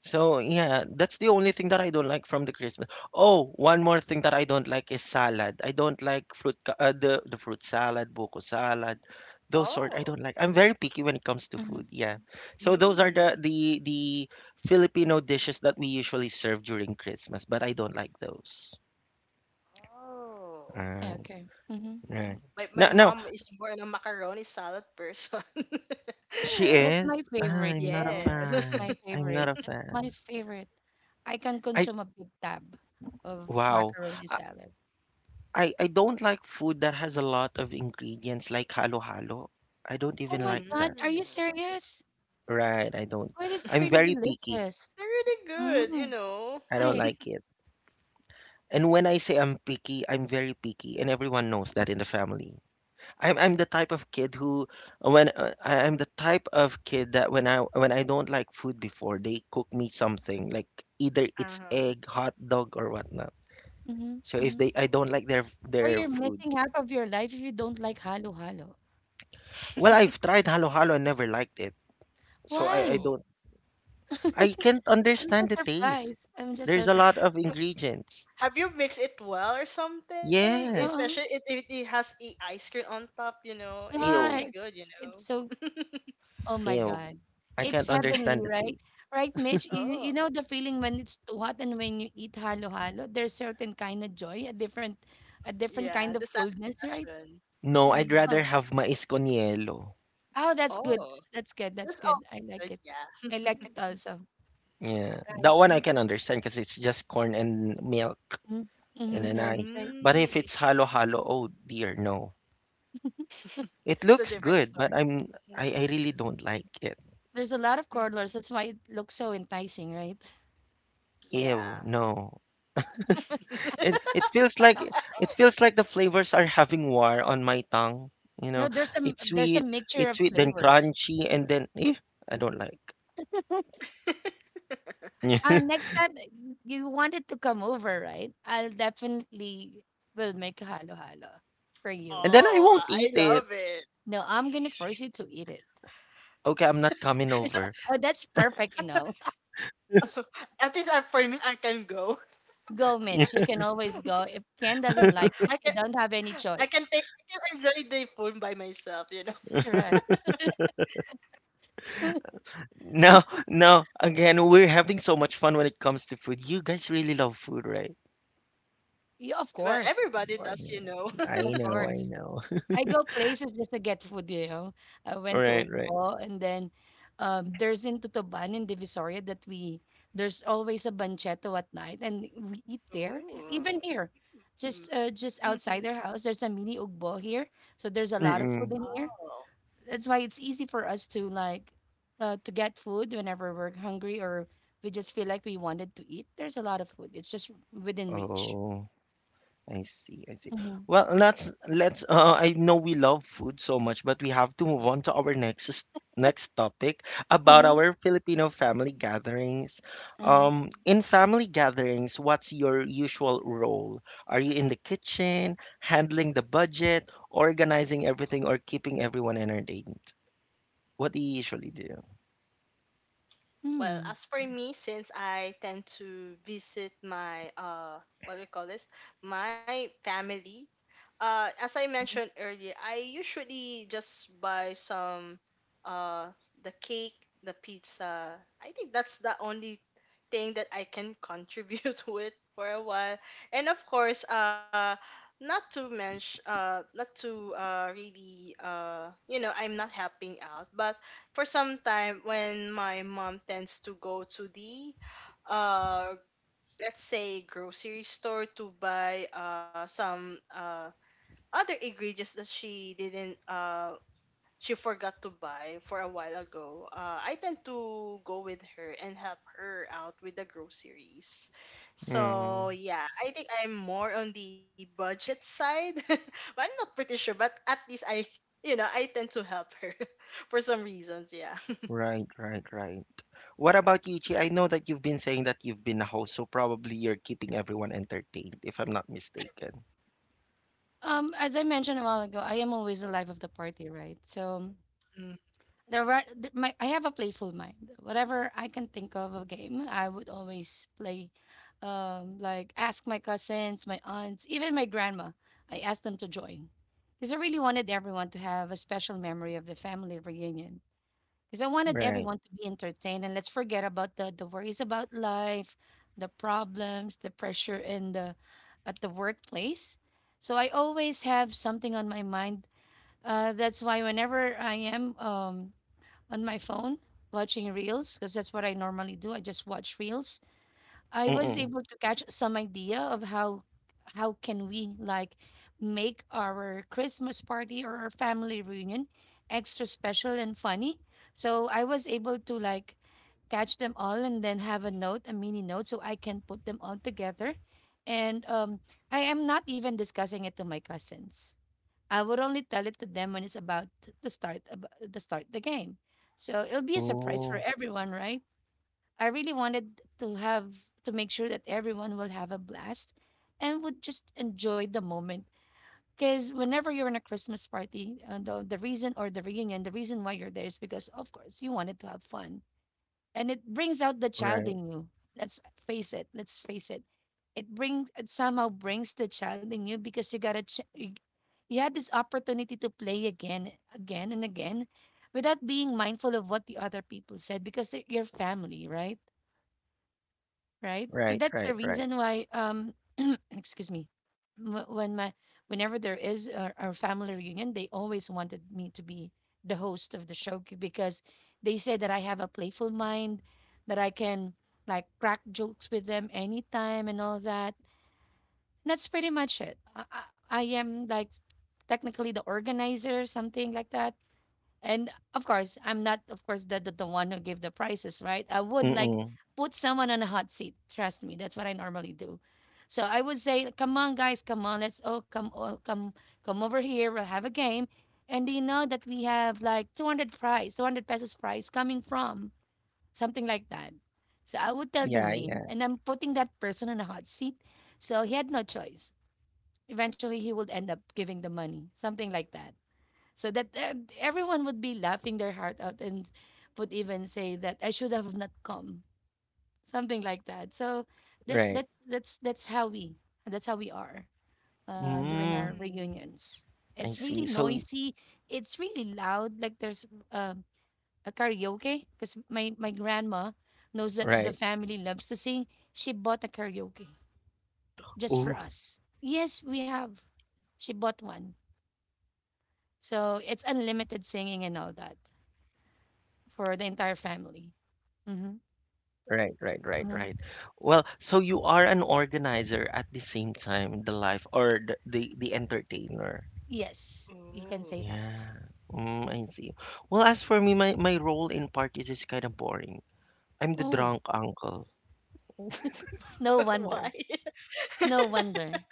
Speaker 1: So yeah, that's the only thing that I don't like from the Christmas. Oh, one more thing that I don't like is salad. I don't
Speaker 2: Mhm.
Speaker 1: like fruit ca- uh, the the fruit salad, buko salad, those sort. I
Speaker 3: oh,
Speaker 1: don't like. I'm very picky when it comes to
Speaker 2: Mhm.
Speaker 1: food. Yeah. So those are the
Speaker 3: mm,
Speaker 1: the the Filipino dishes that we usually serve during Christmas, but I don't like those.
Speaker 3: oh.
Speaker 2: Ah,
Speaker 1: Ah.
Speaker 2: okay. Mhm.
Speaker 1: Right.
Speaker 3: My my
Speaker 1: No, no,
Speaker 3: mom is more on a macaroni salad person.
Speaker 1: she
Speaker 2: That's
Speaker 1: is.
Speaker 2: my favorite,
Speaker 1: I'm
Speaker 2: you
Speaker 1: not a
Speaker 2: know.
Speaker 3: Yes.
Speaker 2: That's
Speaker 1: fan.
Speaker 2: my
Speaker 1: I'm not
Speaker 2: favorite.
Speaker 1: a
Speaker 2: That's my
Speaker 1: fan.
Speaker 2: favorite. I can
Speaker 1: I
Speaker 2: consume a big tab of
Speaker 1: wow.
Speaker 2: macaroni
Speaker 1: I
Speaker 2: salad.
Speaker 1: I, I don't like food that has a lot of ingredients like halo-halo. I don't
Speaker 2: Oh
Speaker 1: even
Speaker 2: my
Speaker 1: like
Speaker 2: God,
Speaker 1: that.
Speaker 2: are you
Speaker 3: Mm.
Speaker 2: serious?
Speaker 1: Right, I don't.
Speaker 2: Well, it's
Speaker 1: I'm
Speaker 2: pretty
Speaker 1: very picky.
Speaker 2: delicious.
Speaker 3: They're really good, you
Speaker 2: Mm,
Speaker 3: know.
Speaker 1: I don't
Speaker 2: right.
Speaker 1: like it. And when I say I'm picky, I'm very picky, and everyone knows that in the family. I'm I'm the type of kid who when uh, I- I'm the type of kid that when I when I don't like food before they cook me something like either it's
Speaker 3: Uh-huh.
Speaker 1: egg, hot dog or whatnot.
Speaker 2: Mm-hmm,
Speaker 1: So if
Speaker 2: mm-hmm.
Speaker 1: they I don't like their
Speaker 2: Or
Speaker 1: their
Speaker 2: you're
Speaker 1: food.
Speaker 2: missing half of your life if you don't like halo halo.
Speaker 1: Well, I've tried halo halo and never liked it. So I I
Speaker 2: Why?
Speaker 3: Oh.
Speaker 1: don't I can't
Speaker 2: I'm
Speaker 1: understand
Speaker 2: just
Speaker 1: the taste.
Speaker 2: surprised. I'm just
Speaker 1: There's
Speaker 2: so
Speaker 1: a
Speaker 2: surprised.
Speaker 1: lot of ingredients.
Speaker 3: Have you mixed it well or something? Especially
Speaker 2: Uh
Speaker 1: Yes.
Speaker 3: if if it has a ice cream on top, you know. It's really
Speaker 2: Yeah,
Speaker 1: Ew.
Speaker 3: good,
Speaker 2: it's
Speaker 3: you
Speaker 2: s-
Speaker 3: know.
Speaker 2: it's so oh my
Speaker 1: Ew.
Speaker 2: God.
Speaker 1: I
Speaker 2: It's
Speaker 1: can't
Speaker 2: heavenly,
Speaker 1: understand the
Speaker 2: right?
Speaker 1: taste.
Speaker 2: Right, Mitch? You, you
Speaker 3: Oh.
Speaker 2: know the feeling when it's too hot and when you eat halo-halo, there's certain kind of joy, a different a different kind
Speaker 3: Yeah,
Speaker 2: of
Speaker 3: the
Speaker 2: coldness, right?
Speaker 3: satisfaction.
Speaker 1: No, I'd
Speaker 3: Mm.
Speaker 1: rather
Speaker 2: Oh,
Speaker 1: have mais con hielo.
Speaker 2: oh, that's good.
Speaker 3: Oh.
Speaker 2: That's good. That's
Speaker 3: That's
Speaker 2: good. I
Speaker 3: also
Speaker 2: like
Speaker 3: good,
Speaker 2: it.
Speaker 3: yeah.
Speaker 2: I liked it also.
Speaker 1: Yeah,
Speaker 2: Right.
Speaker 1: that one I can understand because it's just corn and milk
Speaker 2: Mm-hmm.
Speaker 1: and
Speaker 2: Mm-hmm.
Speaker 1: then
Speaker 2: Right,
Speaker 1: ice.
Speaker 2: right.
Speaker 3: Mm,
Speaker 1: But if it's halo halo, oh dear, no. It
Speaker 3: it's a
Speaker 1: looks
Speaker 3: different
Speaker 1: good, but
Speaker 3: story.
Speaker 1: I'm I, I really don't like it.
Speaker 2: There's a lot of
Speaker 3: Mhm.
Speaker 2: colors. That's why it looks so enticing, right?
Speaker 1: Ew,
Speaker 3: Yeah.
Speaker 1: no. It it feels like it feels like the flavors are having war on my tongue. You know,
Speaker 2: No, there's some
Speaker 1: it's
Speaker 2: there's a
Speaker 1: sweet,
Speaker 2: mixture
Speaker 1: it's
Speaker 2: of
Speaker 1: sweet, then
Speaker 2: flavors.
Speaker 1: crunchy, and then eh, I don't like.
Speaker 2: Uh, next time uh, you wanted to come over, right? I'll definitely will make halo halo for you.
Speaker 1: And then I won't
Speaker 3: Oh,
Speaker 1: eat
Speaker 3: I
Speaker 1: it.
Speaker 3: love it.
Speaker 2: No, I'm gonna force you to eat it.
Speaker 1: Okay, I'm not coming
Speaker 3: It's
Speaker 1: over.
Speaker 2: Oh, that's perfect, you know.
Speaker 3: at least uh, for me, I can go.
Speaker 2: Go, Mitch. You can always go. If Ken doesn't like
Speaker 3: I
Speaker 2: it,
Speaker 3: can,
Speaker 2: you don't have any
Speaker 3: I can
Speaker 2: choice.
Speaker 3: take, I can enjoy the phone by myself. You know.
Speaker 2: Correct.
Speaker 1: No, no. Again, we're having so much fun when it comes to food. You guys really love food, right?
Speaker 2: Yeah, of
Speaker 3: Well,
Speaker 2: course. Of
Speaker 3: everybody does,
Speaker 2: course.
Speaker 3: you know.
Speaker 1: I
Speaker 2: Of
Speaker 1: know, I
Speaker 2: course.
Speaker 1: know.
Speaker 2: I go places just to get food, you know. I went to
Speaker 1: Right, right.
Speaker 2: Ugbo, and then um, there's in Tutuban in Divisoria that we there's always a banchetto at night and we eat there. And even
Speaker 3: Ooh.
Speaker 2: here, just uh, just
Speaker 3: Mm-hmm.
Speaker 2: outside our house, there's a mini Ugbo here, so there's a lot of food
Speaker 1: Mm-mm.
Speaker 2: in here.
Speaker 3: Oh.
Speaker 2: That's why it's easy for us to like uh, to get food whenever we're hungry or we just feel like we wanted to eat. There's a lot of food. It's just within reach.
Speaker 1: Oh, I see, I see.
Speaker 2: Mm-hmm.
Speaker 1: Well, let's let's uh I know we love food so much, but we have to move on to our next next topic about
Speaker 2: Uh-huh.
Speaker 1: our Filipino family gatherings.
Speaker 2: Uh-huh.
Speaker 1: Um, in family gatherings, what's your usual role? Are you in the kitchen, handling the budget, organizing everything, or keeping everyone entertained? What they usually do.
Speaker 3: Well,
Speaker 2: Mm.
Speaker 3: as for me, since I tend to visit my uh what do you call this? My family. Uh as I mentioned earlier, I usually just buy some uh the cake, the pizza. I think that's the only thing that I can contribute with for a while. And of course, uh not to mention, uh not to uh really uh you know, I'm not helping out, but for some time when my mom tends to go to the uh let's say grocery store to buy uh some uh other ingredients that she didn't uh she forgot to buy for a while ago, uh, I tend to go with her and help her out with the groceries.
Speaker 1: Mm.
Speaker 3: So yeah, I think I'm more on the budget side, but I'm not pretty sure. But at least I, you know, I tend to help her for some reasons. Yeah.
Speaker 1: Right, right, right. What about you, Chi? I know that you've been saying that you've been a host, so probably you're keeping everyone entertained, if I'm not mistaken.
Speaker 2: Um, as I mentioned a while ago, I am always the life of the party, right? So there were th- my I have a playful mind. Whatever I can think of a game, I would always play. Um, like ask my cousins, my aunts, even my grandma. I asked them to join because I really wanted everyone to have a special memory of the family reunion. Because I wanted
Speaker 1: Right.
Speaker 2: everyone to be entertained, and let's forget about the, the worries about life, the problems, the pressure in the at the workplace. So I always have something on my mind. Uh, that's why whenever I am um, on my phone watching reels, because that's what I normally do, I just watch reels. I was
Speaker 1: Mm-mm.
Speaker 2: able to catch some idea of how how can we like make our Christmas party or our family reunion extra special and funny. So I was able to like catch them all and then have a note, a mini note, so I can put them all together. And um, I am not even discussing it to my cousins. I would only tell it to them when it's about to start ab- to start the game. So it'll be a surprise for
Speaker 1: Oh,
Speaker 2: everyone, right? I really wanted to have To make sure that everyone will have a blast and would just enjoy the moment. Because whenever you're in a Christmas party, uh, the, the reason, or the reunion, the reason why you're there is because, of course, you wanted to have fun. And it brings out the child
Speaker 1: right,
Speaker 2: in you. Let's face it. Let's face it. It brings, it somehow brings the child in you because you got a, ch- you you had this opportunity to play again, again, and again without being mindful of what the other people said, because they're your family, right? Right? So
Speaker 1: right,
Speaker 2: that's the
Speaker 1: right, right.
Speaker 2: reason why, um, excuse me, wh- when my whenever there is our, our family reunion, they always wanted me to be the host of the show c- because they say that I have a playful mind, that I can like crack jokes with them anytime and all that. And that's pretty much it. I, I, I am like technically the organizer, something like that. And of course, I'm not, of course, the, the, the one who gave the prices, right? I would like
Speaker 1: Mm-mm.
Speaker 2: put someone on a hot seat. Trust me, that's what I normally do. So I would say, come on, guys, come on, let's all come, all come, come over here. We'll have a game, and they know that we have like two hundred prize, two hundred pesos prize coming from something like that. So I would tell the
Speaker 1: Yeah,
Speaker 2: name,
Speaker 1: yeah,
Speaker 2: and I'm putting that person on a hot seat. So he had no choice. Eventually, he would end up giving the money, something like that, so that uh, everyone would be laughing their heart out and would even say that I should have not come, something like that. So that
Speaker 1: right.
Speaker 2: that's that's that's how we that's how we are uh, during our
Speaker 1: Mm,
Speaker 3: Mm-hmm.
Speaker 2: reunions.
Speaker 1: I
Speaker 2: It's really
Speaker 1: see. So, y-
Speaker 2: noisy. It's really loud. Like there's um a karaoke because my my grandma knows that the
Speaker 1: right.
Speaker 2: family loves to sing. She bought a karaoke just for
Speaker 1: Oh,
Speaker 2: us. Yes, we have. She bought one. So it's unlimited singing and all that, for the entire family. Mm-hmm.
Speaker 1: right, right, right,
Speaker 2: Hmm.
Speaker 1: right. Well, so you are an organizer at the same time, the life or the the, the entertainer.
Speaker 2: Yes, you can
Speaker 3: Ooh.
Speaker 2: say that.
Speaker 1: Yeah. Mm, I see. Well, as for me, my, my role in parties is kind of boring. I'm the
Speaker 2: Oh,
Speaker 1: drunk uncle.
Speaker 2: no
Speaker 3: Why?
Speaker 2: wonder. No wonder.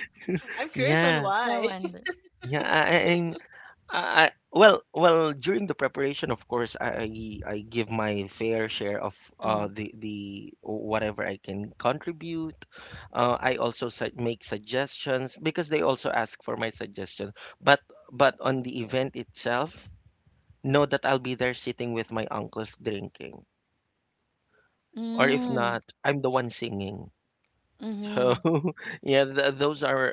Speaker 3: I'm curious on
Speaker 1: Yeah,
Speaker 3: why.
Speaker 2: No wonder.
Speaker 1: yeah. I, I- I'm. I, I- well, Well. During the preparation, of course, I I give my fair share of
Speaker 2: Mm-hmm.
Speaker 1: uh the the whatever I can contribute. Uh, I also su make suggestions because they also ask for my suggestions. But but on the event itself, know that I'll be there sitting with my uncles drinking. Or if
Speaker 2: Mm,
Speaker 1: not, I'm the one singing. So
Speaker 2: mhm,
Speaker 1: yeah, th those are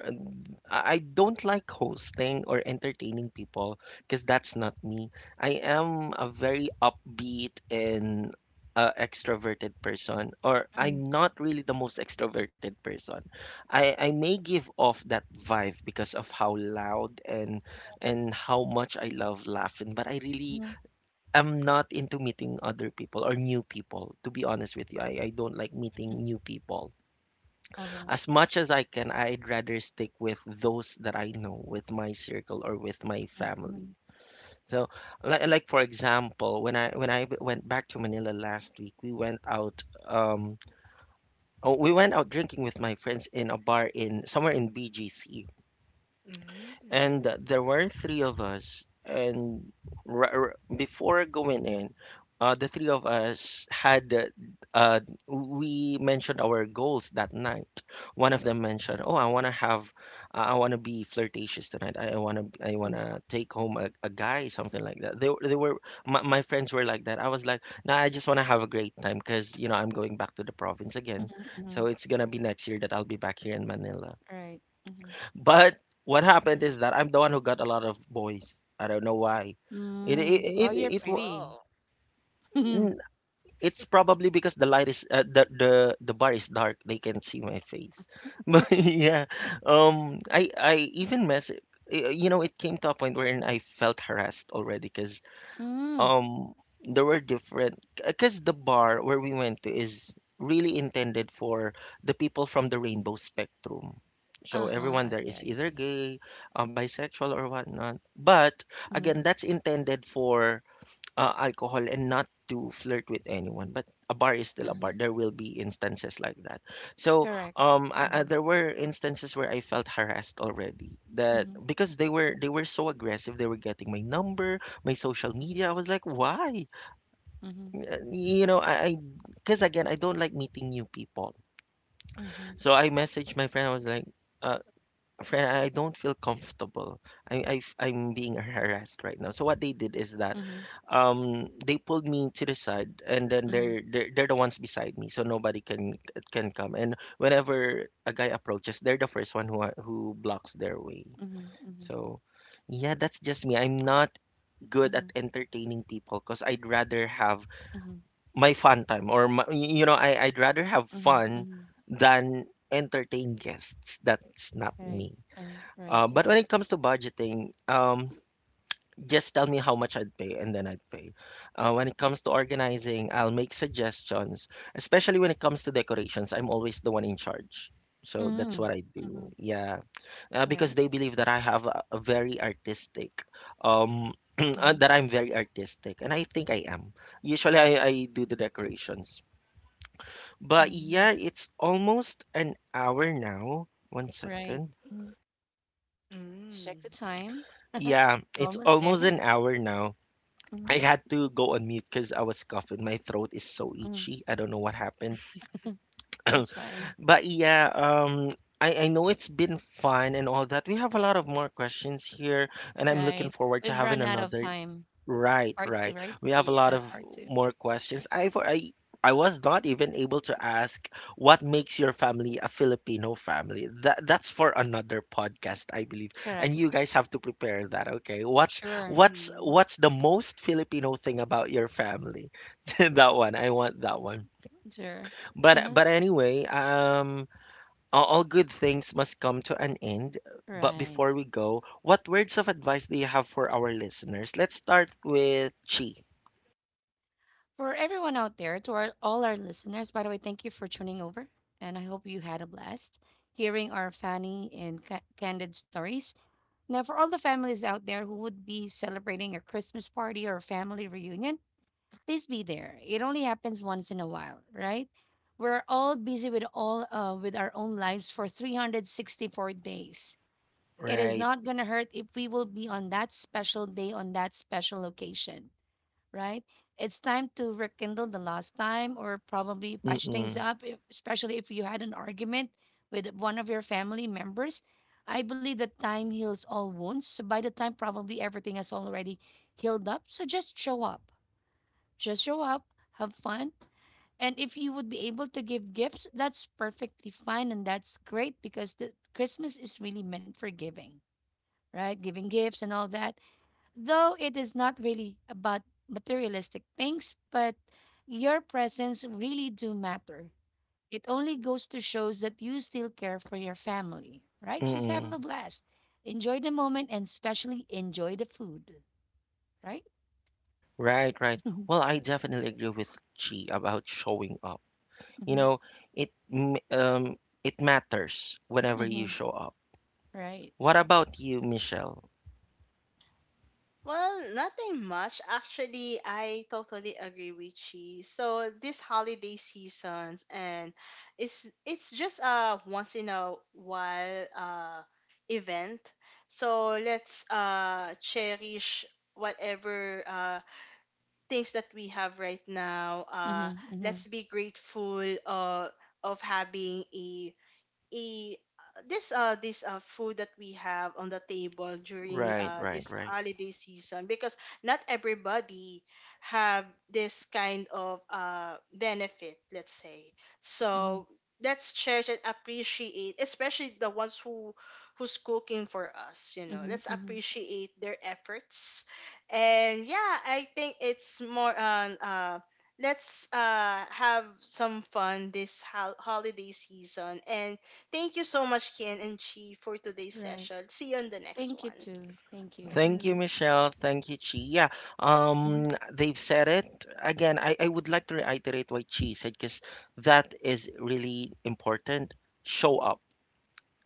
Speaker 1: I I don't like hosting or entertaining people because that's not me. I am a very upbeat and uh, extroverted person, or I'm
Speaker 2: mhm,
Speaker 1: not really the most extroverted person. I I may give off that vibe because of how loud and and how much I love laughing, but I really
Speaker 2: mhm,
Speaker 1: I'm not into meeting other people or new people. To be honest with you, I, I don't like meeting
Speaker 2: mhm.
Speaker 1: new people.
Speaker 2: Uh-huh.
Speaker 1: As much as I can, I'd rather stick with those that I know, with my circle or with my
Speaker 2: Mhm,
Speaker 1: family.
Speaker 2: mhm,
Speaker 1: So, like, like for example, when I when I w- went back to Manila last week, we went out um oh, we went out drinking with my friends in a bar in somewhere in B G C. And
Speaker 3: Mm-hmm.
Speaker 1: there were three of us, and r- r- before going in, uh, the three of us had uh, uh, we mentioned our goals that night. One of them mentioned, oh, I want to have i want to be flirtatious tonight. I want to i want
Speaker 2: mhm,
Speaker 1: to take home a, a guy, something like that. They, were- they were my, my friends were like that. I was like, nah, I just want to have a great time because you know I'm going back to the province again.
Speaker 2: mhm, mhm.
Speaker 1: So it's gonna be next year that I'll be back here in Manila.
Speaker 2: Right. Mhm.
Speaker 1: But what happened is that I'm the one who got a lot of boys. I don't know why. It
Speaker 2: Mm.
Speaker 1: it
Speaker 2: Oh,
Speaker 1: it,
Speaker 2: you're
Speaker 1: it, wa-
Speaker 2: pretty.
Speaker 3: Oh.
Speaker 2: Mhm,
Speaker 1: n- it's probably because the light is uh, the the the bar is dark. They can see my face. But yeah, um, I I even mess. y- You know, it came to a point wherein I felt harassed already because
Speaker 2: mm.
Speaker 1: um they were different, because the bar where we went to is really intended for the people from the rainbow spectrum. So
Speaker 2: Uh-huh.
Speaker 1: everyone there
Speaker 2: Okay,
Speaker 1: is
Speaker 2: I
Speaker 1: either
Speaker 2: see.
Speaker 1: gay, uh, bisexual or whatnot. But
Speaker 2: Mhm.
Speaker 1: again, that's intended for uh, alcohol and not to flirt with anyone. But a bar is still a
Speaker 2: Uh-huh.
Speaker 1: bar. There will be instances like that. So
Speaker 2: Correct.
Speaker 1: um I, I,
Speaker 2: Mhm,
Speaker 1: there were instances where I felt harassed already, that
Speaker 2: mhm,
Speaker 1: because they were they were so aggressive. They were getting my number, my social media. I was like, why?
Speaker 2: mhm,
Speaker 1: Uh, you know I Because again, I don't like meeting new people.
Speaker 2: mhm,
Speaker 1: So I messaged my friend, I was like, uh, friend, I don't feel comfortable. I, I am being harassed right now. So what they did is that,
Speaker 2: mhm,
Speaker 1: um, they pulled me to the side, and then
Speaker 2: mhm,
Speaker 1: they're they're, they're the ones beside me, so nobody can can come. And whenever a guy approaches, they're the first one who who blocks their way.
Speaker 2: mhm, mhm,
Speaker 1: So, yeah, that's just me. I'm not good
Speaker 2: mhm,
Speaker 1: at entertaining people because I'd rather have
Speaker 2: mhm,
Speaker 1: my fun time, or my, you know, I I'd rather have
Speaker 2: mhm,
Speaker 1: fun
Speaker 2: mhm.
Speaker 1: than entertain guests. That's not
Speaker 2: Right.
Speaker 1: me.
Speaker 2: Uh, right.
Speaker 1: Uh, but when
Speaker 2: Right.
Speaker 1: it comes to budgeting, um, just tell me how much I'd pay and then I'd pay. Uh, when it comes to organizing, I'll make suggestions, especially when it comes to decorations. I'm always the one in charge. So that's
Speaker 2: Mm-hmm.
Speaker 1: what I
Speaker 2: Mm-hmm.
Speaker 1: do. Yeah. Uh, because
Speaker 2: Right.
Speaker 1: they believe that I have a, a very artistic, um, uh,
Speaker 2: Mm-hmm.
Speaker 1: that I'm very artistic. And I think I am. Usually I, I do the decorations. But
Speaker 2: Mm-hmm.
Speaker 1: yeah, it's almost an hour now. One
Speaker 2: Right.
Speaker 1: second.
Speaker 2: Mm.
Speaker 3: Mm.
Speaker 2: Let's check the time.
Speaker 1: Yeah, it's
Speaker 2: Almost there.
Speaker 1: almost an hour now.
Speaker 2: Mm-hmm.
Speaker 1: I had to go on mute because I was coughing. My throat is so
Speaker 2: Mm.
Speaker 1: itchy. I don't know what happened.
Speaker 2: That's fine.
Speaker 1: But yeah, um, I, I know it's been fun and all that. We have a lot of more questions here, and I'm
Speaker 2: Right.
Speaker 1: looking forward to
Speaker 2: We've run
Speaker 1: having
Speaker 2: out of
Speaker 1: another.
Speaker 2: time.
Speaker 1: Right,
Speaker 2: Part two,
Speaker 1: right.
Speaker 2: right?
Speaker 1: We have a lot
Speaker 2: What a
Speaker 1: of
Speaker 3: Yeah.
Speaker 2: part two.
Speaker 1: more questions. I for I I was not even able to ask what makes your family a Filipino family. That that's for another podcast, I believe. And
Speaker 2: Correct.
Speaker 1: you guys have to prepare that, okay? What's
Speaker 2: Sure.
Speaker 1: what's what's the most Filipino thing about your family? That one. I want that one.
Speaker 2: Sure.
Speaker 1: But
Speaker 2: Uh-huh.
Speaker 1: but anyway, um all all good things must come to an end. But
Speaker 2: Right.
Speaker 1: before we go, what words of advice do you have for our listeners? Let's start with Chi.
Speaker 2: For everyone out there, to our, all our listeners, by the way, thank you for tuning over. And I hope you had a blast hearing our funny and ca- candid stories. Now, for all the families out there who would be celebrating a Christmas party or a family reunion, please be there. It only happens once in a while, right? We're all busy with all uh, with our own lives for three hundred sixty-four days. It is
Speaker 1: Right.
Speaker 2: not going to hurt if we will be on that special day, on that special occasion, right? It's time to rekindle the lost time, or probably patch things
Speaker 1: Mm-mm.
Speaker 2: up, if- especially if you had an argument with one of your family members. I believe that time heals all wounds. So by the time probably everything has already healed up, so just show up. Just show up, have fun. And if you would be able to give gifts, that's perfectly fine, and that's great, because the Christmas is really meant for giving, right? Giving gifts and all that, though it is not really about materialistic things, but your presence really do matter. It only goes to shows that you still care for your family, right? Just have a
Speaker 1: Mm-mm.
Speaker 2: blast. Enjoy the moment, and especially enjoy the food, right?
Speaker 1: Right, right. Well, I definitely agree with Chi about showing up. You
Speaker 2: Mm-hmm.
Speaker 1: know, it m- um it matters whenever you
Speaker 2: Mm-hmm.
Speaker 1: show up.
Speaker 2: Right.
Speaker 1: What about you, Michelle?
Speaker 3: Well, nothing much. Actually, I totally agree with she. So this holiday seasons, and it's it's just a once in a while uh event. So let's uh cherish whatever uh things that we have right now. Uh
Speaker 2: Mm-hmm. Mm-hmm.
Speaker 3: let's be grateful uh of having a a uh, this uh this uh food that we have on the table during
Speaker 1: Right,
Speaker 3: uh
Speaker 1: right,
Speaker 3: this
Speaker 1: right.
Speaker 3: holiday season, because not everybody have this kind of uh benefit, let's say.
Speaker 2: Mm-hmm.
Speaker 3: So let's cherish and appreciate, especially the ones who who's cooking for us, you know,
Speaker 2: Mm-hmm.
Speaker 3: let's
Speaker 2: Mm-hmm.
Speaker 3: appreciate their efforts. And yeah, I think it's more on, uh let's uh have some fun this ho- holiday season. And thank you so much, Kian and Chi, for today's
Speaker 2: Right.
Speaker 3: session. See you on the next
Speaker 2: Thank you
Speaker 3: one.
Speaker 2: too. Thank you.
Speaker 1: Thank you,
Speaker 3: Mm.
Speaker 1: Michelle. Thank you, Chi. Yeah,
Speaker 2: Mm-hmm.
Speaker 1: um, they've said it. Again, I, I would like to reiterate what Chi said because that is really important. Show up.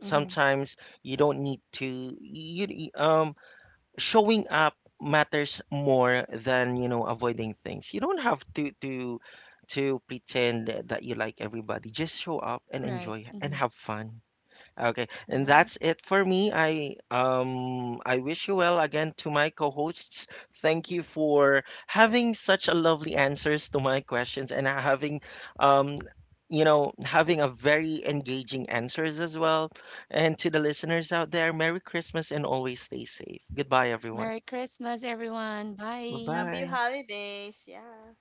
Speaker 2: Mm-hmm.
Speaker 1: Sometimes you don't need to you you- um showing up matters more than you know avoiding things. You don't have to to to pretend that you like everybody. Just show up and
Speaker 2: Right.
Speaker 1: enjoy
Speaker 2: Mm-hmm.
Speaker 1: and have fun. Okay, and
Speaker 2: Correct.
Speaker 1: that's it for me. I um I wish you well again to my co-hosts. Thank you for having such a lovely answers to my questions, and having um you know having a very engaging answers as well. And to the listeners out there, Merry Christmas and always stay safe. Goodbye, everyone.
Speaker 2: Merry Christmas, everyone. Bye.
Speaker 3: Happy
Speaker 1: Bye-bye.
Speaker 3: holidays. Yeah.